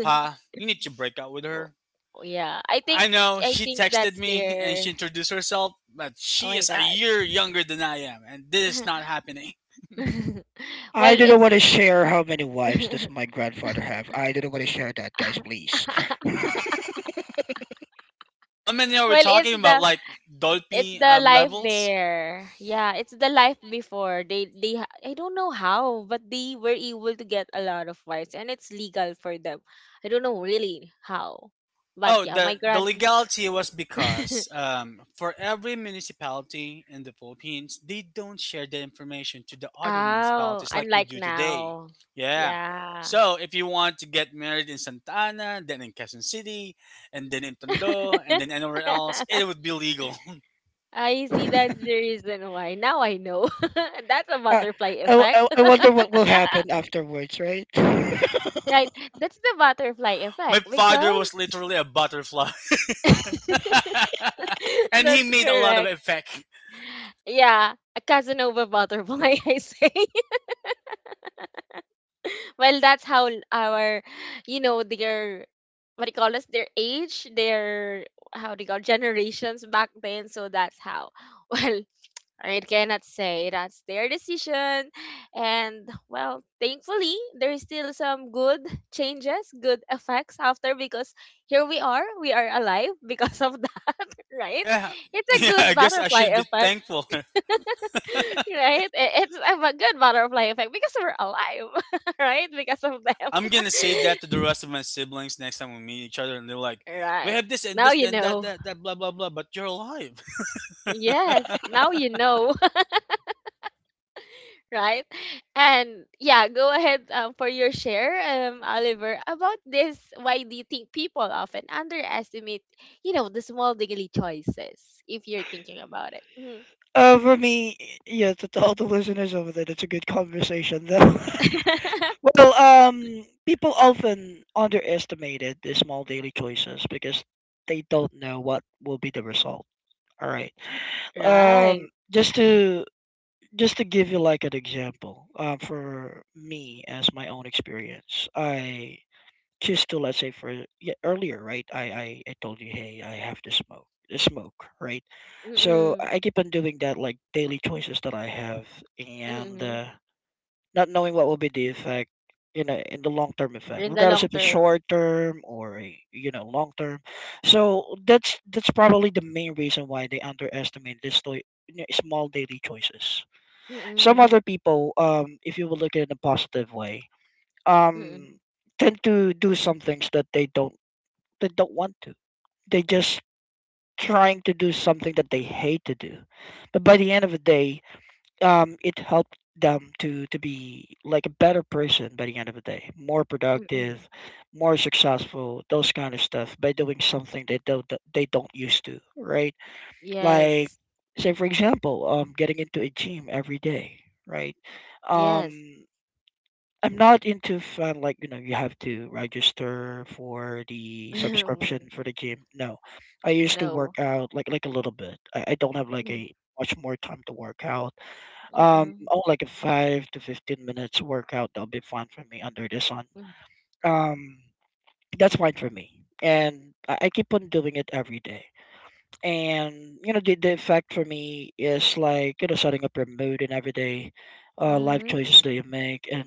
Speaker 2: Pa, you need to break up with
Speaker 1: oh,
Speaker 2: her.
Speaker 1: yeah, i
Speaker 2: I
Speaker 1: think
Speaker 2: know
Speaker 1: i
Speaker 2: she
Speaker 1: think
Speaker 2: texted
Speaker 1: that's
Speaker 2: me and
Speaker 1: their.
Speaker 2: she introduced herself, but
Speaker 1: Oh
Speaker 2: she
Speaker 1: my
Speaker 2: is a
Speaker 1: god.
Speaker 2: year younger than I am, and this is not happening.
Speaker 3: I
Speaker 1: well
Speaker 3: didn't
Speaker 1: it's
Speaker 3: want to share how many wives does my grandfather have. I didn't want to share that, guys. Please.
Speaker 2: How many are we
Speaker 1: well it's
Speaker 2: talking
Speaker 1: the
Speaker 2: about? Like
Speaker 1: it's
Speaker 2: Dolpy
Speaker 1: the life
Speaker 2: levels?
Speaker 1: there. Yeah, it's the life before I don't know how, but they were able to get a lot of wives and it's legal for them. I don't know really how, but
Speaker 2: Oh,
Speaker 1: yeah, my
Speaker 2: the
Speaker 1: grand.
Speaker 2: legality was because for every municipality in the Philippines, they don't share the information to the other
Speaker 1: Oh,
Speaker 2: municipalities like we
Speaker 1: unlike
Speaker 2: do today.
Speaker 1: now.
Speaker 2: Yeah.
Speaker 1: Yeah.
Speaker 2: So if you want to get married in Santa Ana, then in Quezon City, and then in Tondo, and then anywhere else, it would be legal.
Speaker 1: I see that's the reason why. Now I know. That's a
Speaker 3: I,
Speaker 1: butterfly
Speaker 3: I, I
Speaker 1: effect.
Speaker 3: I wonder what will happen afterwards, right?
Speaker 1: Right. That's the butterfly
Speaker 2: My
Speaker 1: effect
Speaker 2: father
Speaker 1: because
Speaker 2: was literally a butterfly, and he
Speaker 1: that's
Speaker 2: made a lot of
Speaker 1: correct.
Speaker 2: effect.
Speaker 1: Yeah, a Casanova butterfly, I say. Well, that's how our, you know, their, what do you call this, their age, their, how do you call, generations back then. So that's how. Well, I cannot say that's their decision. And well, thankfully, there's still some good changes, good effects after because here we are alive because of that, right?
Speaker 2: Yeah.
Speaker 1: It's a
Speaker 2: Yeah, I
Speaker 1: good
Speaker 2: guess I
Speaker 1: butterfly
Speaker 2: should be
Speaker 1: effect,
Speaker 2: thankful.
Speaker 1: right? It's a good butterfly effect because we're alive, right? Because of
Speaker 2: I'm gonna say that to the
Speaker 1: them,
Speaker 2: rest of my siblings next time we meet each other and they're like, we
Speaker 1: right?
Speaker 2: have this and
Speaker 1: Now
Speaker 2: this
Speaker 1: you
Speaker 2: and that
Speaker 1: know.
Speaker 2: that that blah blah blah, but you're alive.
Speaker 1: Yes,
Speaker 2: The
Speaker 1: now you know. Right? And yeah, go ahead, for your share, Oliver, about this. Why do you think people often underestimate, you know, the small daily choices? If you're thinking about it. Mhm.
Speaker 3: For me, yeah, to all the listeners over there, that's a good conversation, though. Well, people often underestimated the small daily choices because they don't know what will be the result. All right.
Speaker 1: Right?
Speaker 3: um just to just to give you like an example, for me as my own experience, I choose to, let's say, for yeah, earlier, right, I told you, hey, I have to smoke, smoke right? So
Speaker 1: Mm-mm.
Speaker 3: I keep on doing that like daily choices that I have, and
Speaker 1: Mm-mm.
Speaker 3: not knowing what will be the effect, you know, in the long term effect,
Speaker 1: In the
Speaker 3: regardless
Speaker 1: long
Speaker 3: if it's
Speaker 1: term.
Speaker 3: short term or a, you know, long term. So that's probably the main reason why they underestimate this you know, small daily choices. Some
Speaker 1: Mm-mm.
Speaker 3: other people, if you will look at it in a positive way,
Speaker 1: Mm-mm.
Speaker 3: um tend to do some things that they don't want to. They just trying to do something that they hate to do, but by the end of the day, it helped them to be like a better person by the end of the day, more
Speaker 1: Mm-mm.
Speaker 3: productive, more successful, those kind of stuff, by doing something they don't used to, right? Like
Speaker 1: Yes.
Speaker 3: say for example, getting into a gym every day, right?
Speaker 1: Yes.
Speaker 3: Um, I'm not into fun like, you know, you have to register for the subscription for the gym. No, I used to
Speaker 1: No.
Speaker 3: work out like a little bit. I don't have like
Speaker 1: Mm,
Speaker 3: a much more time to work out,
Speaker 1: Mm-mm.
Speaker 3: oh, like a five to 15 minutes workout, that'll be fun for me under the sun.
Speaker 1: Mm.
Speaker 3: Um, that's fine for me. And I keep on doing it every day, and the effect for me is like setting up your mood and everyday life
Speaker 1: Mm-mm.
Speaker 3: choices that you make. And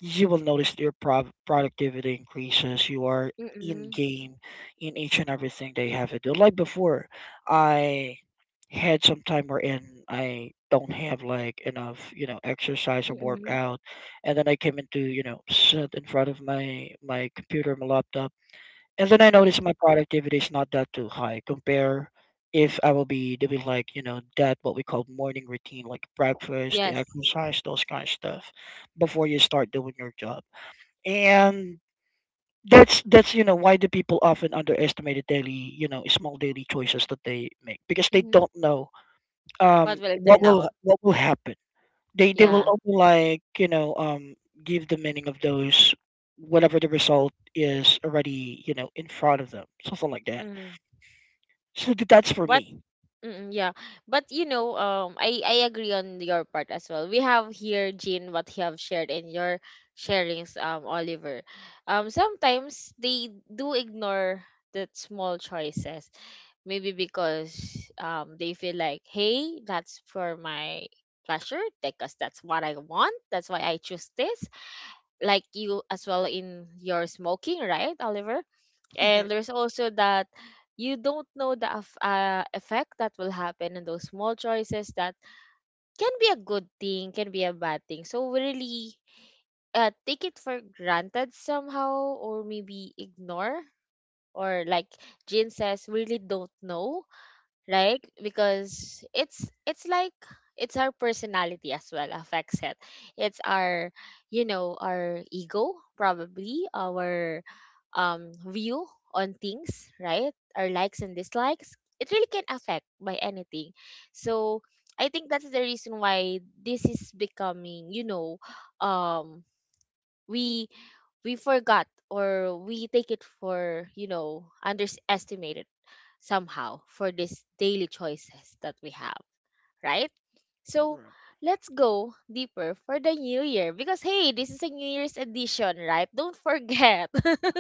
Speaker 3: you will notice your productivity increases. You are in
Speaker 1: Mm-mm.
Speaker 3: game in each and everything they have to do, like before I had some time wherein I don't have like enough exercise or
Speaker 1: Mm-mm.
Speaker 3: workout. And then I came into, sit in front of my computer, my laptop, and then I notice
Speaker 1: Mm-mm.
Speaker 3: my productivity is not that too high. Compare if I will be doing like, that what we call morning routine, like breakfast, the
Speaker 1: Yes.
Speaker 3: exercise, those kind of stuff before you start doing your job. And that's why the people often underestimate the daily, small daily choices that they make, because they
Speaker 1: Mm-hmm.
Speaker 3: don't know
Speaker 1: What will it
Speaker 3: what
Speaker 1: turn
Speaker 3: will
Speaker 1: out?
Speaker 3: what will happen. They will
Speaker 1: Yeah.
Speaker 3: only like, give the meaning of those whatever the result is already, in front of them, something like that.
Speaker 1: Mm.
Speaker 3: So that's for
Speaker 1: But
Speaker 3: me.
Speaker 1: mm, yeah, but you know, I agree on your part as well. We have here Jean what you have shared in your sharings, Oliver. Sometimes they do ignore the small choices, maybe because they feel like, hey, that's for my pleasure because that's what I want. That's why I choose this. Like you as well in your smoking, right, Oliver? And there's also that you don't know the effect that will happen in those small choices that can be a good thing, can be a bad thing. So we really take it for granted somehow, or maybe ignore, or like Jin says, we really don't know, right? Because it's like it's our personality as well affects it. It's our, you know, our ego, probably our view on things, right? Our likes and dislikes, it really can affect by anything. So I think that's the reason why this is becoming, you know, um we we forgot, or we take it for, you know, underestimated somehow for these daily choices that we have, right? So let's go deeper for the New Year because hey, this is a New Year's edition, right? Don't forget,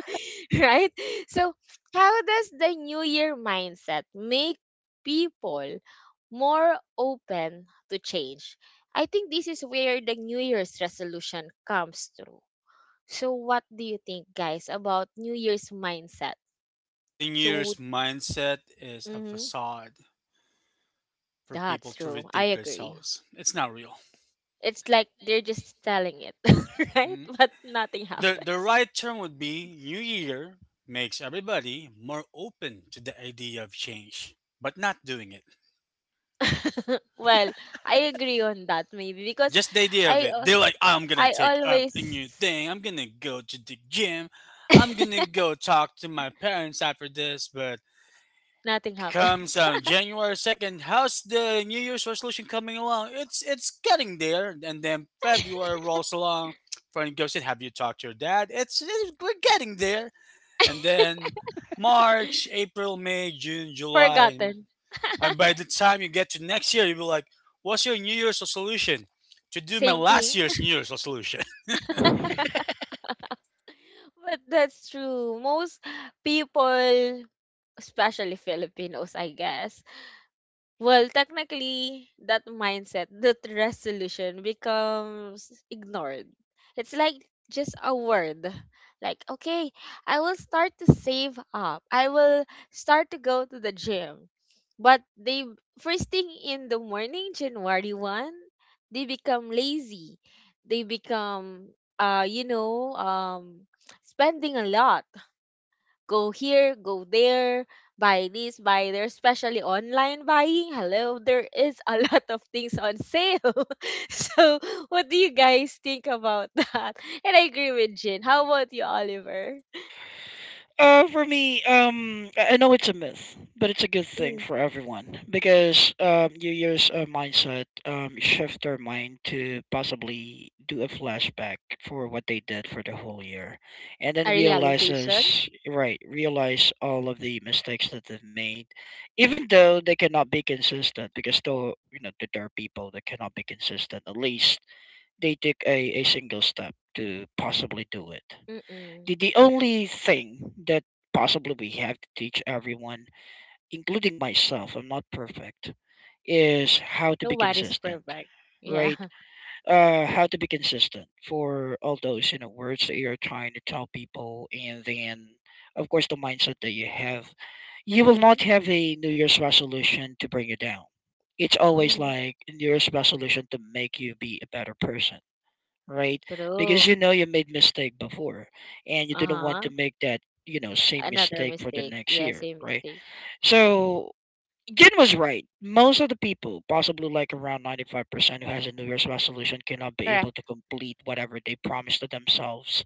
Speaker 1: right? So, how does the New Year mindset make people more open to change? I think this is where the New Year's resolution comes through. So, what do you think, guys, about New Year's mindset?
Speaker 2: New Year's
Speaker 1: So,
Speaker 2: mindset is a
Speaker 1: hmm.
Speaker 2: facade for people
Speaker 1: That's
Speaker 2: to
Speaker 1: true. I
Speaker 2: rethink
Speaker 1: agree.
Speaker 2: themselves. It's not real.
Speaker 1: It's like they're just telling it, right?
Speaker 2: Mhm.
Speaker 1: But nothing
Speaker 2: The
Speaker 1: happens.
Speaker 2: right term would be New Year makes everybody more open to the idea of change, but not doing it.
Speaker 1: Well, I agree on that maybe because
Speaker 2: Just the idea of
Speaker 1: I
Speaker 2: it.
Speaker 1: uh,
Speaker 2: They're like, I'm gonna
Speaker 1: I
Speaker 2: take up a new
Speaker 1: always
Speaker 2: thing. I'm gonna go to the gym. I'm gonna go talk to my parents after this. But
Speaker 1: nothing
Speaker 2: comes
Speaker 1: happens.
Speaker 2: January 2nd, how's the New Year's resolution coming along? It's getting there. And then February rolls along. Friend goes in. Have you talked to your dad? It's we're getting there. And then March, April, May, June, July.
Speaker 1: Forgotten.
Speaker 2: And by the time you get to next year, you'll be like, what's your New Year's resolution? To do my
Speaker 1: Same
Speaker 2: last
Speaker 1: thing.
Speaker 2: year's New Year's resolution.
Speaker 3: Right.
Speaker 1: But that's true. Most people, especially Filipinos, I guess. Well, technically, that mindset, that resolution becomes ignored. It's like just a word. Like, okay, I will start to save up. I will start to go to the gym. But they, first thing in the morning, January 1, they become lazy. They become, you know, spending a lot, go here, go there, buy this, buy there, especially online buying. Hello, there is a lot of things on sale. So, what do you guys think about that? And I agree with Jin. How about you, Oliver?
Speaker 3: For me, I know it's a myth, but it's a good thing
Speaker 1: Mm,
Speaker 3: for everyone because New Year's mindset shift their mind to possibly do a flashback for what they did for the whole year, and
Speaker 1: a
Speaker 3: then
Speaker 1: realization?
Speaker 3: realize all of the mistakes that they've made, even though they cannot be consistent. Because though, there are people that cannot be consistent, at least they took a single step to possibly do it. The,
Speaker 1: Mm-mm.
Speaker 3: the only thing that possibly we have to teach everyone, including myself, I'm not perfect, is how to be
Speaker 1: Nobody's
Speaker 3: consistent,
Speaker 1: perfect. Yeah.
Speaker 3: right? How to be consistent for all those words that you're trying to tell people, and then, of course, the mindset that you have. You will
Speaker 1: Mm-hmm.
Speaker 3: not have a New Year's resolution to bring you down. It's always
Speaker 1: Mm-hmm.
Speaker 3: like a New Year's resolution to make you be a better person, right? Because,
Speaker 1: True.
Speaker 3: you made mistake before, and you didn't want
Speaker 1: Uh-huh.
Speaker 3: to make that, same
Speaker 1: Another
Speaker 3: mistake for the
Speaker 1: mistake.
Speaker 3: next
Speaker 1: Yeah,
Speaker 3: year,
Speaker 1: same
Speaker 3: right?
Speaker 1: mistake.
Speaker 3: So Jen was right. Most of the people, possibly like around 95%, who has a New Year's resolution cannot be
Speaker 1: Correct.
Speaker 3: able to complete whatever they promised to themselves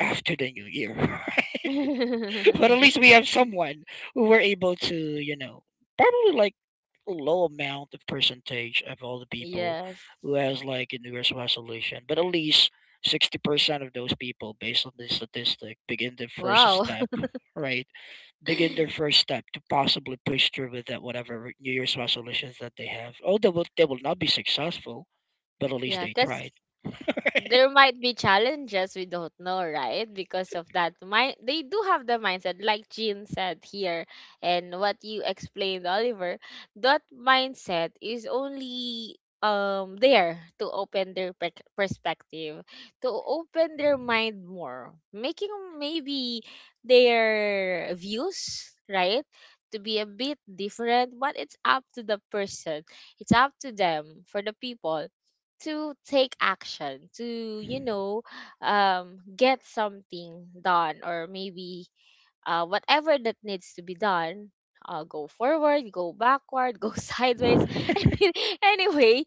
Speaker 3: after the New Year. But at least we have someone who were able to. Probably like low amount of percentage of all the people
Speaker 1: Yes.
Speaker 3: who has like a New Year's resolution, but at least 60% of those people, based on this statistic, begin their first
Speaker 1: Wow.
Speaker 3: step, right? Begin their first step to possibly push through with that whatever New Year's resolutions that they have. Oh, they will not be successful, but at least
Speaker 1: Yeah,
Speaker 3: they
Speaker 1: because
Speaker 3: tried.
Speaker 1: there might be challenges we don't know, right? Because of that mind, they do have the mindset like Jean said here, and what you explained, Oliver, that mindset is only there to open their perspective, to open their mind more, making maybe their views, right, to be a bit different. But it's up to the person, it's up to them, for the people to take action, to, you know, get something done or maybe whatever that needs to be done. Go forward, go backward, go sideways, anyway,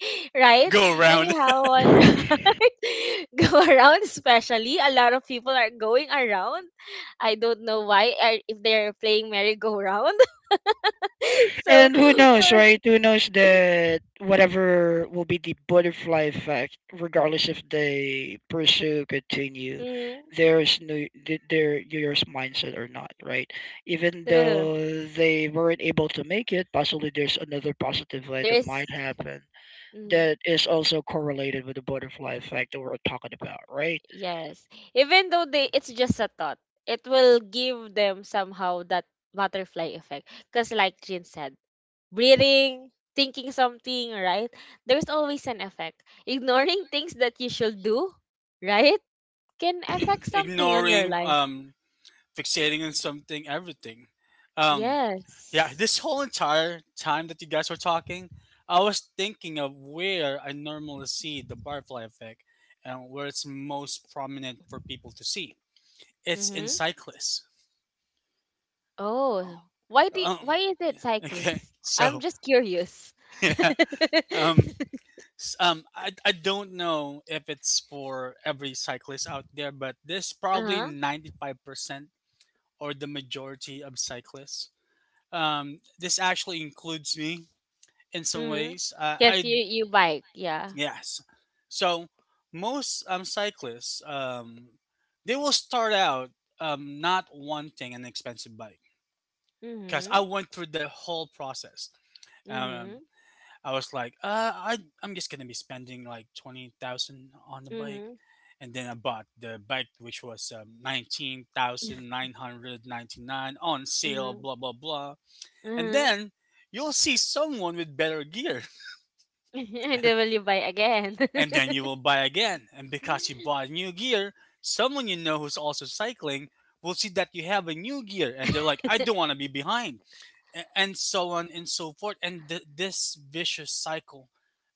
Speaker 1: right,
Speaker 2: Go around.
Speaker 1: anyhow, and
Speaker 3: Right?
Speaker 1: right, go around, especially a lot of people are going around. I don't know why if they're playing merry-go-round. So,
Speaker 3: And who
Speaker 1: for,
Speaker 3: knows, right? Who knows that whatever will be the butterfly effect, regardless if they pursue, continue,
Speaker 1: mm,
Speaker 3: there's no their yours mindset or not, right? Even
Speaker 1: true,
Speaker 3: though they weren't able to make it, possibly there's another positive way that
Speaker 1: there's,
Speaker 3: might happen
Speaker 1: mm,
Speaker 3: that is also correlated with the butterfly effect that we're talking about, right?
Speaker 1: yes. Even though they it's just a thought, it will give them somehow that butterfly effect. Because like Jin said, breathing, thinking something, right? There's always an effect. Ignoring things that you should do, right? Can
Speaker 2: Yeah,
Speaker 1: affect something on your
Speaker 2: ignoring,
Speaker 1: life.
Speaker 2: fixating on something, everything. Um, yeah,
Speaker 1: Yes.
Speaker 2: this whole entire time that you guys were talking, I was thinking of where I normally see the butterfly effect and where it's most prominent for people to see. It's in
Speaker 1: Mm-hmm.
Speaker 2: cyclists. Oh,
Speaker 1: Oh. Why
Speaker 2: um,
Speaker 1: is it
Speaker 2: yeah, okay.
Speaker 1: cyclists? I'm
Speaker 2: So,
Speaker 1: just curious.
Speaker 2: yeah. Um, I don't know if it's for every cyclist out there, but this probably
Speaker 1: Uh-huh.
Speaker 2: 95% or the majority of cyclists. This actually includes me in some
Speaker 1: Mm-hmm.
Speaker 2: ways.
Speaker 1: Yes,
Speaker 2: I
Speaker 1: you bike, yeah.
Speaker 2: Yes. So most cyclists, they will start out not wanting an expensive bike because I
Speaker 1: Mm-hmm.
Speaker 2: went through the whole process. Um,
Speaker 1: Mhm,
Speaker 2: I was like, I'm just gonna be spending like 20,000 on the bike,
Speaker 1: mhm,
Speaker 2: and then I bought the bike which was 19,999 on sale,
Speaker 1: mhm,
Speaker 2: blah blah blah, and
Speaker 1: mhm.
Speaker 2: then you'll see someone with better gear,
Speaker 1: And then will you buy again?
Speaker 2: and then you will buy again, and because you bought new gear, someone you know who's also cycling will see that you have a new gear, and they're like, I don't want to be behind. And so on and so forth. And this vicious cycle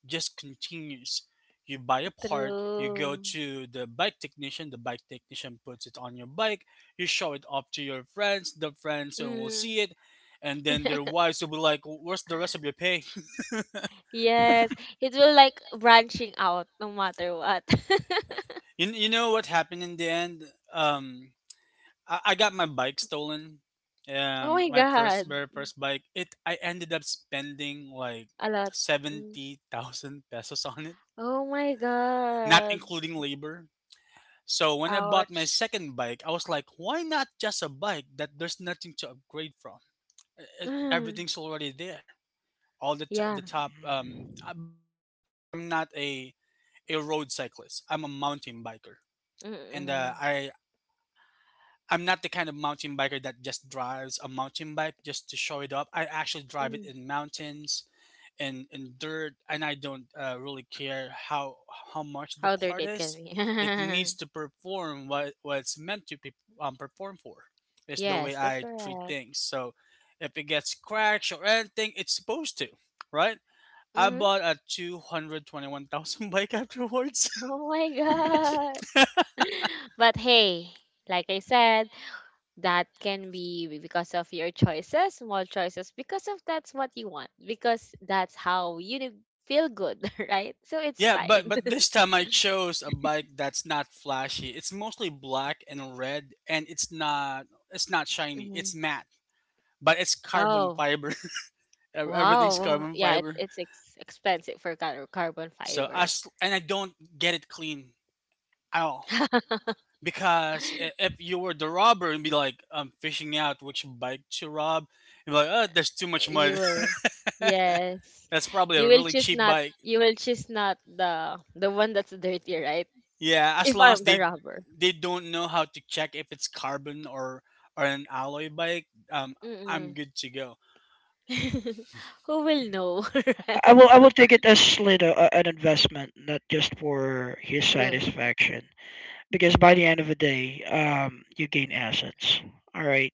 Speaker 2: just continues. You buy a part, you go
Speaker 1: True.
Speaker 2: to the bike technician puts it on your bike, you show it off to your friends, the friends will
Speaker 1: Mm.
Speaker 2: see it, and then their wives will be like, where's the rest of your pay?
Speaker 1: Yes,
Speaker 3: Mhm.
Speaker 1: it will like branching out no matter what.
Speaker 2: You know what happened in the end? Um, I got my bike stolen.
Speaker 1: Oh my
Speaker 2: My
Speaker 1: God,
Speaker 2: first very first bike. It I ended up spending like
Speaker 1: a lot. Mm.
Speaker 2: 70,000 pesos on
Speaker 1: Oh my
Speaker 2: not
Speaker 1: God,
Speaker 2: including labor. So when I bought my
Speaker 1: ouch.
Speaker 2: second bike, I was like, why not just a bike that there's nothing to upgrade from?
Speaker 1: Mm.
Speaker 2: Everything's already there. All the t-
Speaker 1: Yeah.
Speaker 2: the top but I'm not a road cyclist. I'm a mountain biker. And
Speaker 1: Mm-mm.
Speaker 2: I I'm not the kind of mountain biker that just drives a mountain bike just to show it up. I actually drive it
Speaker 1: Mm.
Speaker 2: in mountains and in dirt, and I don't really care how much the
Speaker 1: How
Speaker 2: part
Speaker 1: dirty it can
Speaker 2: is.
Speaker 1: be.
Speaker 2: It needs to perform what it's meant to be, perform for. It's the way
Speaker 1: Yes, that's
Speaker 2: I treat
Speaker 1: correct.
Speaker 2: things. So if it gets scratched or anything, it's supposed to, right? I
Speaker 1: Mm-hmm.
Speaker 2: bought a 221,000 bike afterwards.
Speaker 1: Oh my God. But hey, like I said, that can be because of your choices, small choices, because of that's what you want, because that's how you feel good, right? So it's
Speaker 2: Yeah, but
Speaker 1: fine.
Speaker 2: but this time I chose a bike that's not flashy. It's mostly black and red, and it's not shiny.
Speaker 1: Mhm.
Speaker 2: It's matte, but it's carbon
Speaker 1: Oh,
Speaker 2: fiber. Everything's
Speaker 1: wow.
Speaker 2: carbon
Speaker 1: Yeah, it,
Speaker 2: fiber.
Speaker 1: it's expensive for carbon
Speaker 2: So
Speaker 1: fiber.
Speaker 2: as and I don't get it clean at all because if you were the robber and be like, I'm fishing out which bike to rob, you'd be like, oh, there's too much
Speaker 1: You
Speaker 2: mud.
Speaker 1: will, yes,
Speaker 2: that's probably
Speaker 1: you
Speaker 2: a
Speaker 1: will
Speaker 2: really
Speaker 1: choose
Speaker 2: cheap
Speaker 1: not.
Speaker 2: bike.
Speaker 1: You will choose not the one that's dirty, right?
Speaker 2: Yeah, as
Speaker 1: If
Speaker 2: long as
Speaker 1: I'm the
Speaker 2: they
Speaker 1: robber.
Speaker 2: they don't know how to check if it's carbon or an alloy bike, I'm
Speaker 1: Mm-mm.
Speaker 2: good to go.
Speaker 1: Who will know,
Speaker 3: I
Speaker 1: right?
Speaker 3: will I will take it as Slater, an investment, not just for his
Speaker 1: True.
Speaker 3: satisfaction. Because by the end of the day, you gain assets. All right,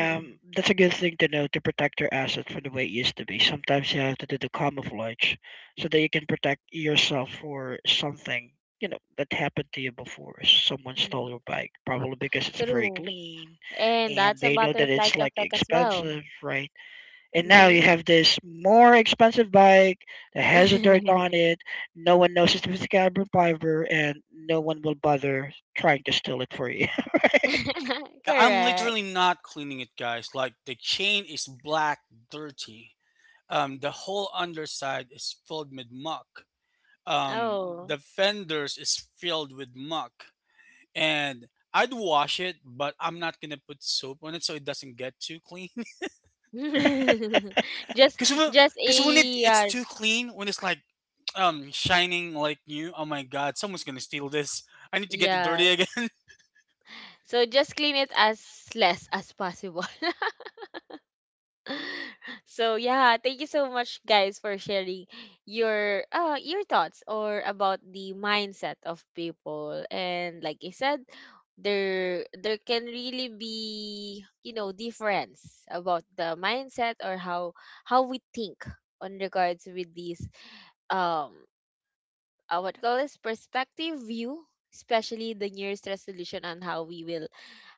Speaker 1: Mm-mm.
Speaker 3: that's a good thing to know to protect your assets from the way it used to be. Sometimes you have to do the camouflage so that you can protect yourself for something, that happened to you before. Someone stole your bike, probably because it's very
Speaker 1: True.
Speaker 3: clean,
Speaker 1: And
Speaker 3: and
Speaker 1: that's a
Speaker 3: they know that
Speaker 1: butterfly
Speaker 3: it's like
Speaker 1: effect as
Speaker 3: expensive,
Speaker 1: well.
Speaker 3: right? And now
Speaker 1: Hmm.
Speaker 3: you have this more expensive bike that has a dirt on it. No one knows it's with carbon fiber, and no one will bother trying to steal it for you.
Speaker 2: Yeah, I'm
Speaker 1: Correct.
Speaker 2: literally not cleaning it, guys. Like the chain is black, dirty. The whole underside is filled with muck. Um,
Speaker 1: Oh.
Speaker 2: the fenders is filled with muck, and I'd wash it, but I'm not gonna put soap on it so it doesn't get too clean.
Speaker 1: just
Speaker 2: Because when,
Speaker 1: just
Speaker 2: cause when it,
Speaker 1: a
Speaker 2: it's too clean, when it's like shining like new, oh my god, someone's gonna steal this. I need to get it dirty
Speaker 1: yes.
Speaker 2: again.
Speaker 1: So just clean it as less as possible. So yeah, thank you so much guys for sharing your thoughts or about the mindset of people. And like I said, there can really be, you know, difference about the mindset or how we think on regards with these um what call this perspective view, especially the nearest resolution on how we will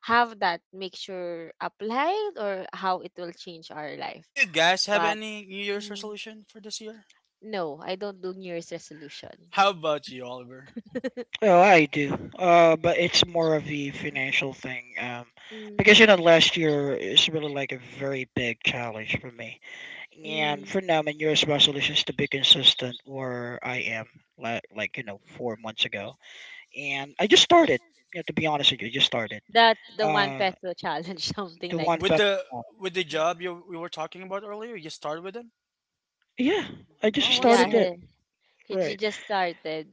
Speaker 1: have that make sure applied or how it will change our life.
Speaker 2: Do you guys have
Speaker 1: But
Speaker 2: any New Year's
Speaker 1: Mm,
Speaker 2: resolution for this year?
Speaker 1: no, I don't do New Year's resolution.
Speaker 2: How about you, Oliver?
Speaker 3: Oh, I do. But it's more of a financial thing. Because,
Speaker 1: Mm,
Speaker 3: last year is really like a very big challenge for me. And
Speaker 1: mm.
Speaker 3: for now, my New Year's resolution is to be consistent, or I am. Like, 4 months ago, and I just started. To be honest with you, I just started.
Speaker 1: That the one
Speaker 3: Uh,
Speaker 1: peso challenge, something
Speaker 3: the
Speaker 1: like
Speaker 3: one
Speaker 2: With
Speaker 1: that.
Speaker 3: best.
Speaker 2: the job you we were talking about earlier, you started with it.
Speaker 3: Yeah, I just
Speaker 2: Oh, I
Speaker 1: Yeah,
Speaker 3: started
Speaker 2: see.
Speaker 3: it.
Speaker 1: he,
Speaker 3: Right.
Speaker 1: just started.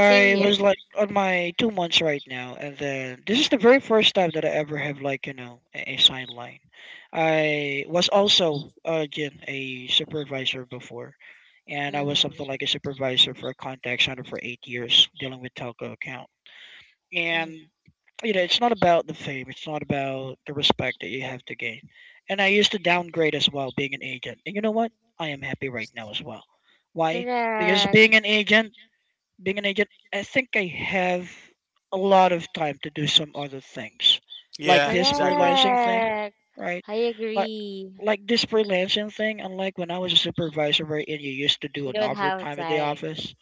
Speaker 1: Same here.
Speaker 3: was like on my 2 months right now, and then this is the very first time that I ever have like, a sign line. I was also, again, a supervisor before, and I was
Speaker 1: Mm,
Speaker 3: something like a supervisor for a contact center for 8 years dealing with telco account.
Speaker 1: mm.
Speaker 3: And, it's not about the fame. It's not about the respect that you have to gain. And I used to downgrade as well, being an agent. And you know what? I am happy right now as well. Why? Because
Speaker 1: Correct.
Speaker 3: being an agent, I think I have a lot of time to do some other things, like
Speaker 2: Yeah,
Speaker 3: this
Speaker 2: exactly.
Speaker 3: freelancing thing,
Speaker 1: Correct.
Speaker 3: right?
Speaker 1: I
Speaker 3: Like,
Speaker 1: agree.
Speaker 3: like this freelancing thing. Unlike when I was a supervisor, right, and you used to do
Speaker 1: You
Speaker 3: an
Speaker 1: don't have
Speaker 3: overtime at the
Speaker 1: time.
Speaker 3: office,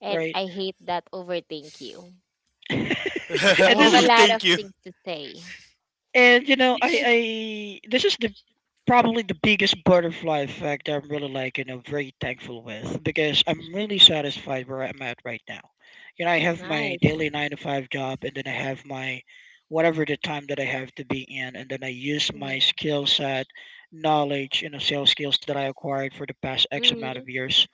Speaker 1: And
Speaker 3: right?
Speaker 1: I hate that overthink you. I
Speaker 3: and this
Speaker 1: have a
Speaker 3: is
Speaker 1: lot of
Speaker 2: Overthink you.
Speaker 1: things to say.
Speaker 3: and I this is the Probably the biggest butterfly effect I'm really like, very thankful with because I'm really satisfied where I'm at right now. I have my
Speaker 1: Nice.
Speaker 3: daily 9 to 5 job, and then I have my whatever the time that I have to be in, and then I use
Speaker 1: Mm,
Speaker 3: my skill set, knowledge, sales skills that I acquired for the past X amount of
Speaker 1: mm,
Speaker 3: years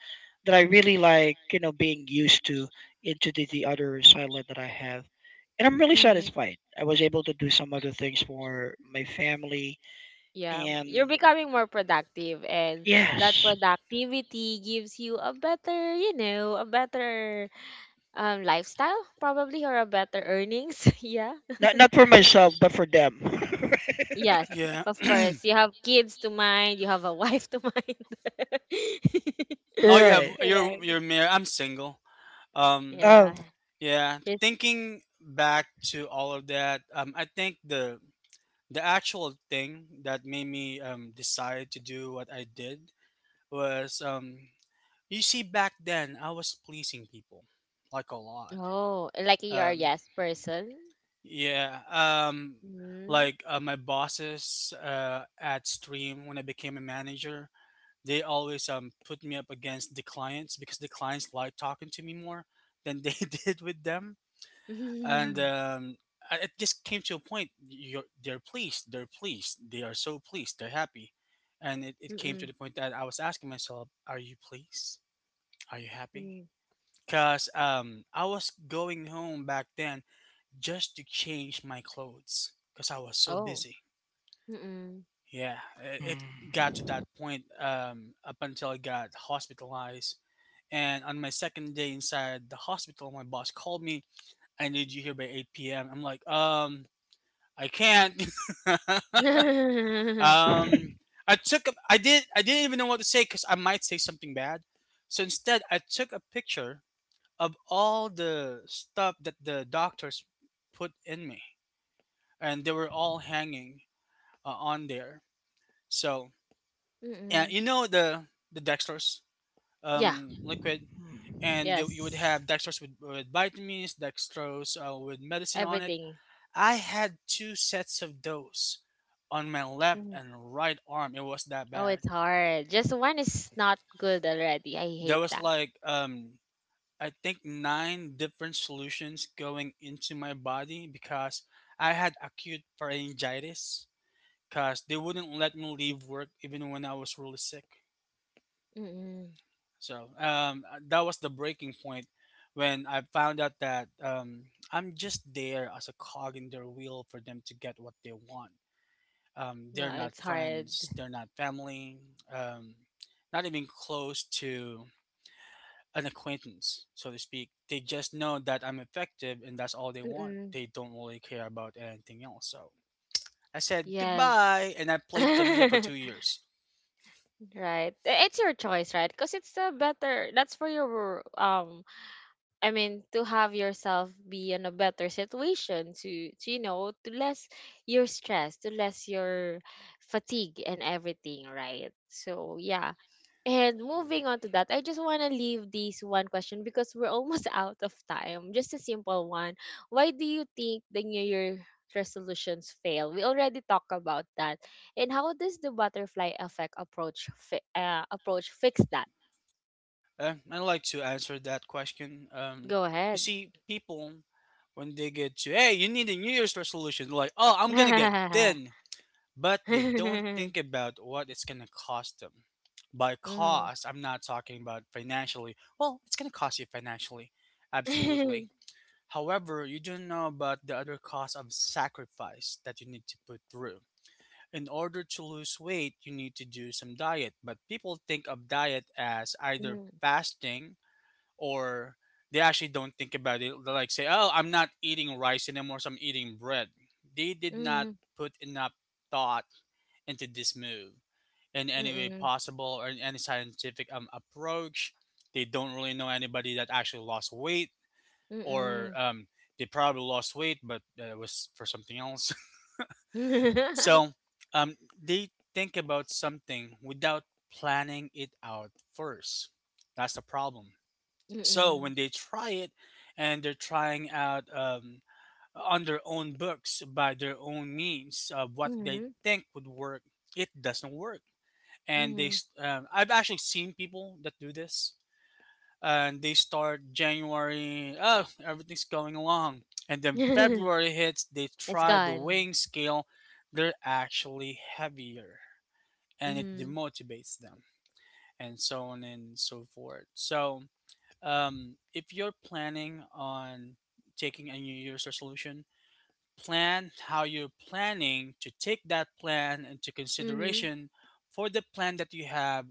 Speaker 3: that I really like, being used to into the other sideline that I have. And I'm really
Speaker 1: mm.
Speaker 3: satisfied. I was able to do some other things for my family,
Speaker 1: Yeah, you're
Speaker 3: and
Speaker 1: becoming more productive, and that
Speaker 3: yes.
Speaker 1: productivity gives you a better, you know, a better lifestyle probably or a better earnings. Yeah.
Speaker 3: Not for myself, but for them.
Speaker 1: Yes,
Speaker 2: Yeah.
Speaker 1: of course. You have kids to mind, you have a wife to mind.
Speaker 2: Oh yeah,
Speaker 3: Right.
Speaker 2: you're
Speaker 1: Correct.
Speaker 2: married. I'm single. Um,
Speaker 1: Yeah.
Speaker 3: Oh.
Speaker 2: yeah.
Speaker 1: His,
Speaker 2: Thinking back to all of that, I think the actual thing that made me decide to do what I did was you see, back then I was pleasing people like a lot.
Speaker 1: oh, like you are
Speaker 2: Um,
Speaker 1: yes person.
Speaker 2: yeah, um,
Speaker 1: Mm.
Speaker 2: like my bosses at Stream when I became a manager, they always put me up against the clients because the clients like talking to me more than they did with them and um, and it just came to a point. They're pleased. They're pleased. They are so pleased. They're happy, and it came to
Speaker 1: Mm-mm.
Speaker 2: the point that I was asking myself, "Are you pleased? Are you happy?"
Speaker 1: Mm.
Speaker 2: Because I was going home back then just to change my clothes because I was so
Speaker 1: Oh.
Speaker 2: busy.
Speaker 1: Mm-mm.
Speaker 2: Yeah, it got to that
Speaker 3: Mm.
Speaker 2: point up until I got hospitalized. And on my second day inside the hospital, my boss called me. I need you here by 8 p.m. I'm like, I can't.
Speaker 3: Hmm.
Speaker 2: um, I did. I didn't even know what to say because I might say something bad. So instead, I took a picture of all the stuff that the doctors put in me, and they were all hanging on there. So yeah,
Speaker 1: Mm-mm.
Speaker 2: you know the dextrose
Speaker 1: Yeah.
Speaker 2: liquid, and you would
Speaker 1: Yes,
Speaker 2: have dextrose with vitamins, dextrose with medicine on it,
Speaker 1: everything.
Speaker 2: I had two sets of those on my left
Speaker 1: Mhm.
Speaker 2: and right arm. It was that
Speaker 1: Oh,
Speaker 2: bad.
Speaker 1: it's hard. Just one is not good already. I
Speaker 2: There
Speaker 1: hate
Speaker 2: was
Speaker 1: that.
Speaker 2: like I think nine different solutions going into my body because I had acute pharyngitis because they wouldn't let me leave work even when I was really sick.
Speaker 1: Mm-mm.
Speaker 2: So that was the breaking point when I found out that I'm just there as a cog in their wheel for them to get what they want. They're
Speaker 1: Yeah,
Speaker 2: not
Speaker 1: it's hard.
Speaker 2: friends. They're not family. Um, Not even close to an acquaintance, so to speak. They just know that I'm effective, and that's all they want.
Speaker 1: Mm-mm.
Speaker 2: They don't really care about anything else. So I said goodbye,
Speaker 1: Yes.
Speaker 2: and I played Tamiya for 2 years.
Speaker 1: Right. It's your choice, right? Because it's the better. That's for your I mean, to have yourself be in a better situation, to, you know, to less your stress, to less your fatigue and everything, right? So yeah. And moving on to that, I just want to leave this one question because we're almost out of time. Just a simple one. Why do you think the New Year resolutions fail? We already talked about that. And how does the butterfly effect approach approach fix that?
Speaker 2: I'd like to answer that question.
Speaker 1: Go
Speaker 2: You
Speaker 1: ahead.
Speaker 2: see, people when they get to hey, you need a New Year's resolution, they're like, oh, I'm gonna get thin, but they don't
Speaker 1: Mhm.
Speaker 2: think about what it's going to cost them. By cost, I'm not talking about financially. Well, it's going to cost you financially, absolutely. However, you don't know about the other cost of sacrifice that you need to put through. In order to lose weight, you need to do some diet, but people think of diet as either
Speaker 1: Mhm.
Speaker 2: fasting or they actually don't think about it. They like say, "Oh, I'm not eating rice anymore, so I'm eating bread." They did not put enough thought into this move in
Speaker 1: Mhm.
Speaker 2: any way
Speaker 1: Mhm.
Speaker 2: possible or in any scientific approach. They don't really know anybody that actually lost weight, or
Speaker 1: Mhm.
Speaker 2: they probably lost weight, but it was for something else.
Speaker 1: Mhm.
Speaker 2: so they think about something without planning it out first. That's the problem. So
Speaker 1: Mhm.
Speaker 2: when they try it and they're trying out on their own books by their own means of what they
Speaker 1: Mhm.
Speaker 2: think would work, it doesn't work and
Speaker 1: Mhm.
Speaker 2: I've actually seen people that do this and they start January, oh, everything's going along, and then February hits, they
Speaker 1: It's
Speaker 2: try the
Speaker 1: gone.
Speaker 2: weighing scale. They're actually heavier and it
Speaker 1: Mm-hmm.
Speaker 2: demotivates them and so on and so forth. So if you're planning on taking a new year's resolution, plan how you're planning to take that plan into
Speaker 1: Mm-hmm.
Speaker 2: consideration for the plan that you have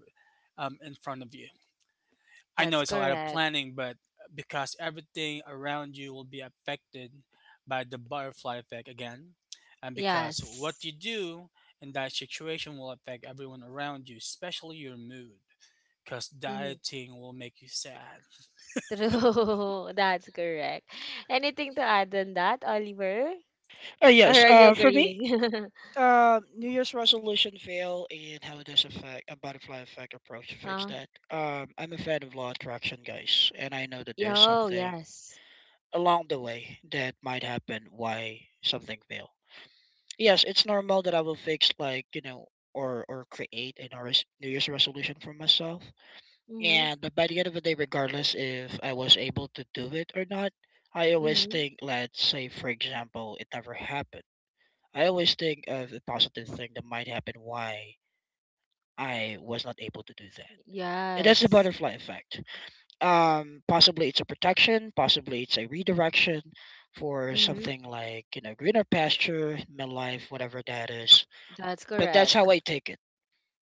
Speaker 2: in front of you. I know
Speaker 1: That's
Speaker 2: it's a lot of
Speaker 1: correct.
Speaker 2: planning, but because everything around you will be affected by the butterfly effect again, and because
Speaker 1: Yes.
Speaker 2: what you do in that situation will affect everyone around you, especially your mood, because
Speaker 1: Hmm.
Speaker 2: dieting will make you sad.
Speaker 1: True. That's correct. Anything to add on that, Oliver?
Speaker 3: Uh,
Speaker 1: Or
Speaker 3: yes.
Speaker 1: are you
Speaker 3: For me,
Speaker 1: agreeing?
Speaker 3: New Year's resolution fail, and how does affect a butterfly effect approach to fix
Speaker 1: uh,
Speaker 3: that? I'm a fan of law of attraction, guys, and I know that there's
Speaker 1: Yo,
Speaker 3: something
Speaker 1: yes.
Speaker 3: along the way that might happen why something fail. Yes, it's normal that I will fix like, or create a New Year's resolution for myself.
Speaker 1: Mm-hmm.
Speaker 3: And by the end of the day, regardless if I was able to do it or not, I always
Speaker 1: Mm-hmm.
Speaker 3: think, let's say, for example, it never happened. I always think of the positive thing that might happen why I was not able to do that. And that's the
Speaker 1: Yes.
Speaker 3: butterfly effect. Possibly it's a protection, possibly it's a redirection for
Speaker 1: Mm-hmm.
Speaker 3: something like, greener pasture, midlife, whatever that is.
Speaker 1: That's
Speaker 3: But that's
Speaker 1: correct.
Speaker 3: how I take it,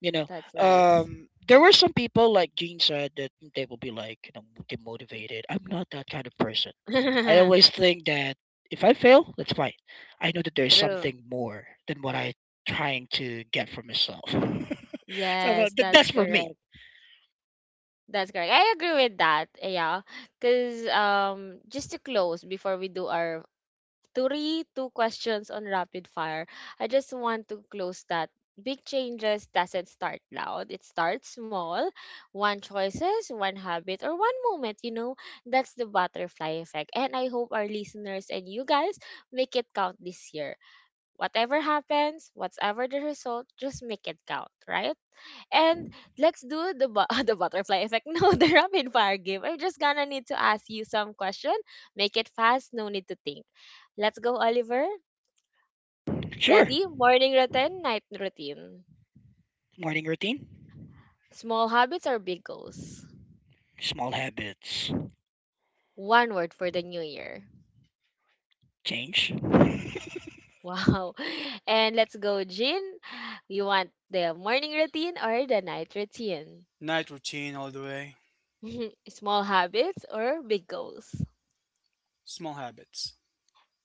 Speaker 3: you know
Speaker 1: That's nice.
Speaker 3: there were some people, like Gene said, that they will be like, demotivated. I'm not that kind of person. I always think that if I fail, that's fine. I know that there's
Speaker 1: True.
Speaker 3: something more than what I trying to get for myself. So
Speaker 1: Yes, that's
Speaker 3: that's for me.
Speaker 1: correct. That's correct. I agree with that. Yeah. Cause just to close before we do our three two questions on rapid fire. I just want to close that. Big changes doesn't start loud. It starts small. One choices, one habit, or one moment, you know. That's the butterfly effect. And I hope our listeners and you guys make it count this year. Whatever happens, whatever the result, just make it count, right? And let's do the butterfly effect. No, the rapid fire game. I'm just gonna need to ask you some question. Make it fast. No need to think. Let's go, Oliver.
Speaker 3: Sure.
Speaker 1: Ready? Morning routine, night routine.
Speaker 3: Morning routine.
Speaker 1: Small habits or big goals?
Speaker 3: Small habits.
Speaker 1: One word for the new year.
Speaker 3: Change.
Speaker 1: Wow. And let's go, Jean. You want the morning routine or the night routine?
Speaker 2: Night routine all the way,
Speaker 1: Small habits or big goals?
Speaker 2: small habits.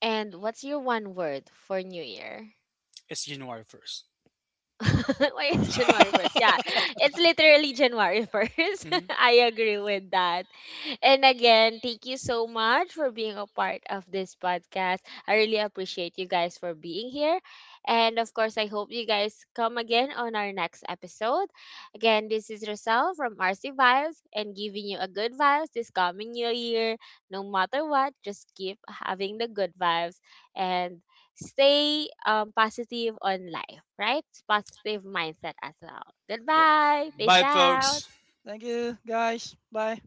Speaker 1: And what's your one word for new year?
Speaker 2: It's January 1st.
Speaker 1: Why it's January 1st? Yeah, it's literally January 1st.
Speaker 2: Hmm.
Speaker 1: I agree with that. And again, thank you so much for being a part of this podcast. I really appreciate you guys for being here. And of course, I hope you guys come again on our next episode. Again, this is Rosal from RC Vibes and giving you a good vibes this coming new year. No matter what, just keep having the good vibes. And stay positive on life, right? Positive mindset as well.
Speaker 2: Yep.
Speaker 1: Goodbye. Peace
Speaker 2: Bye,
Speaker 1: out.
Speaker 2: folks.
Speaker 3: Thank you, guys. Bye.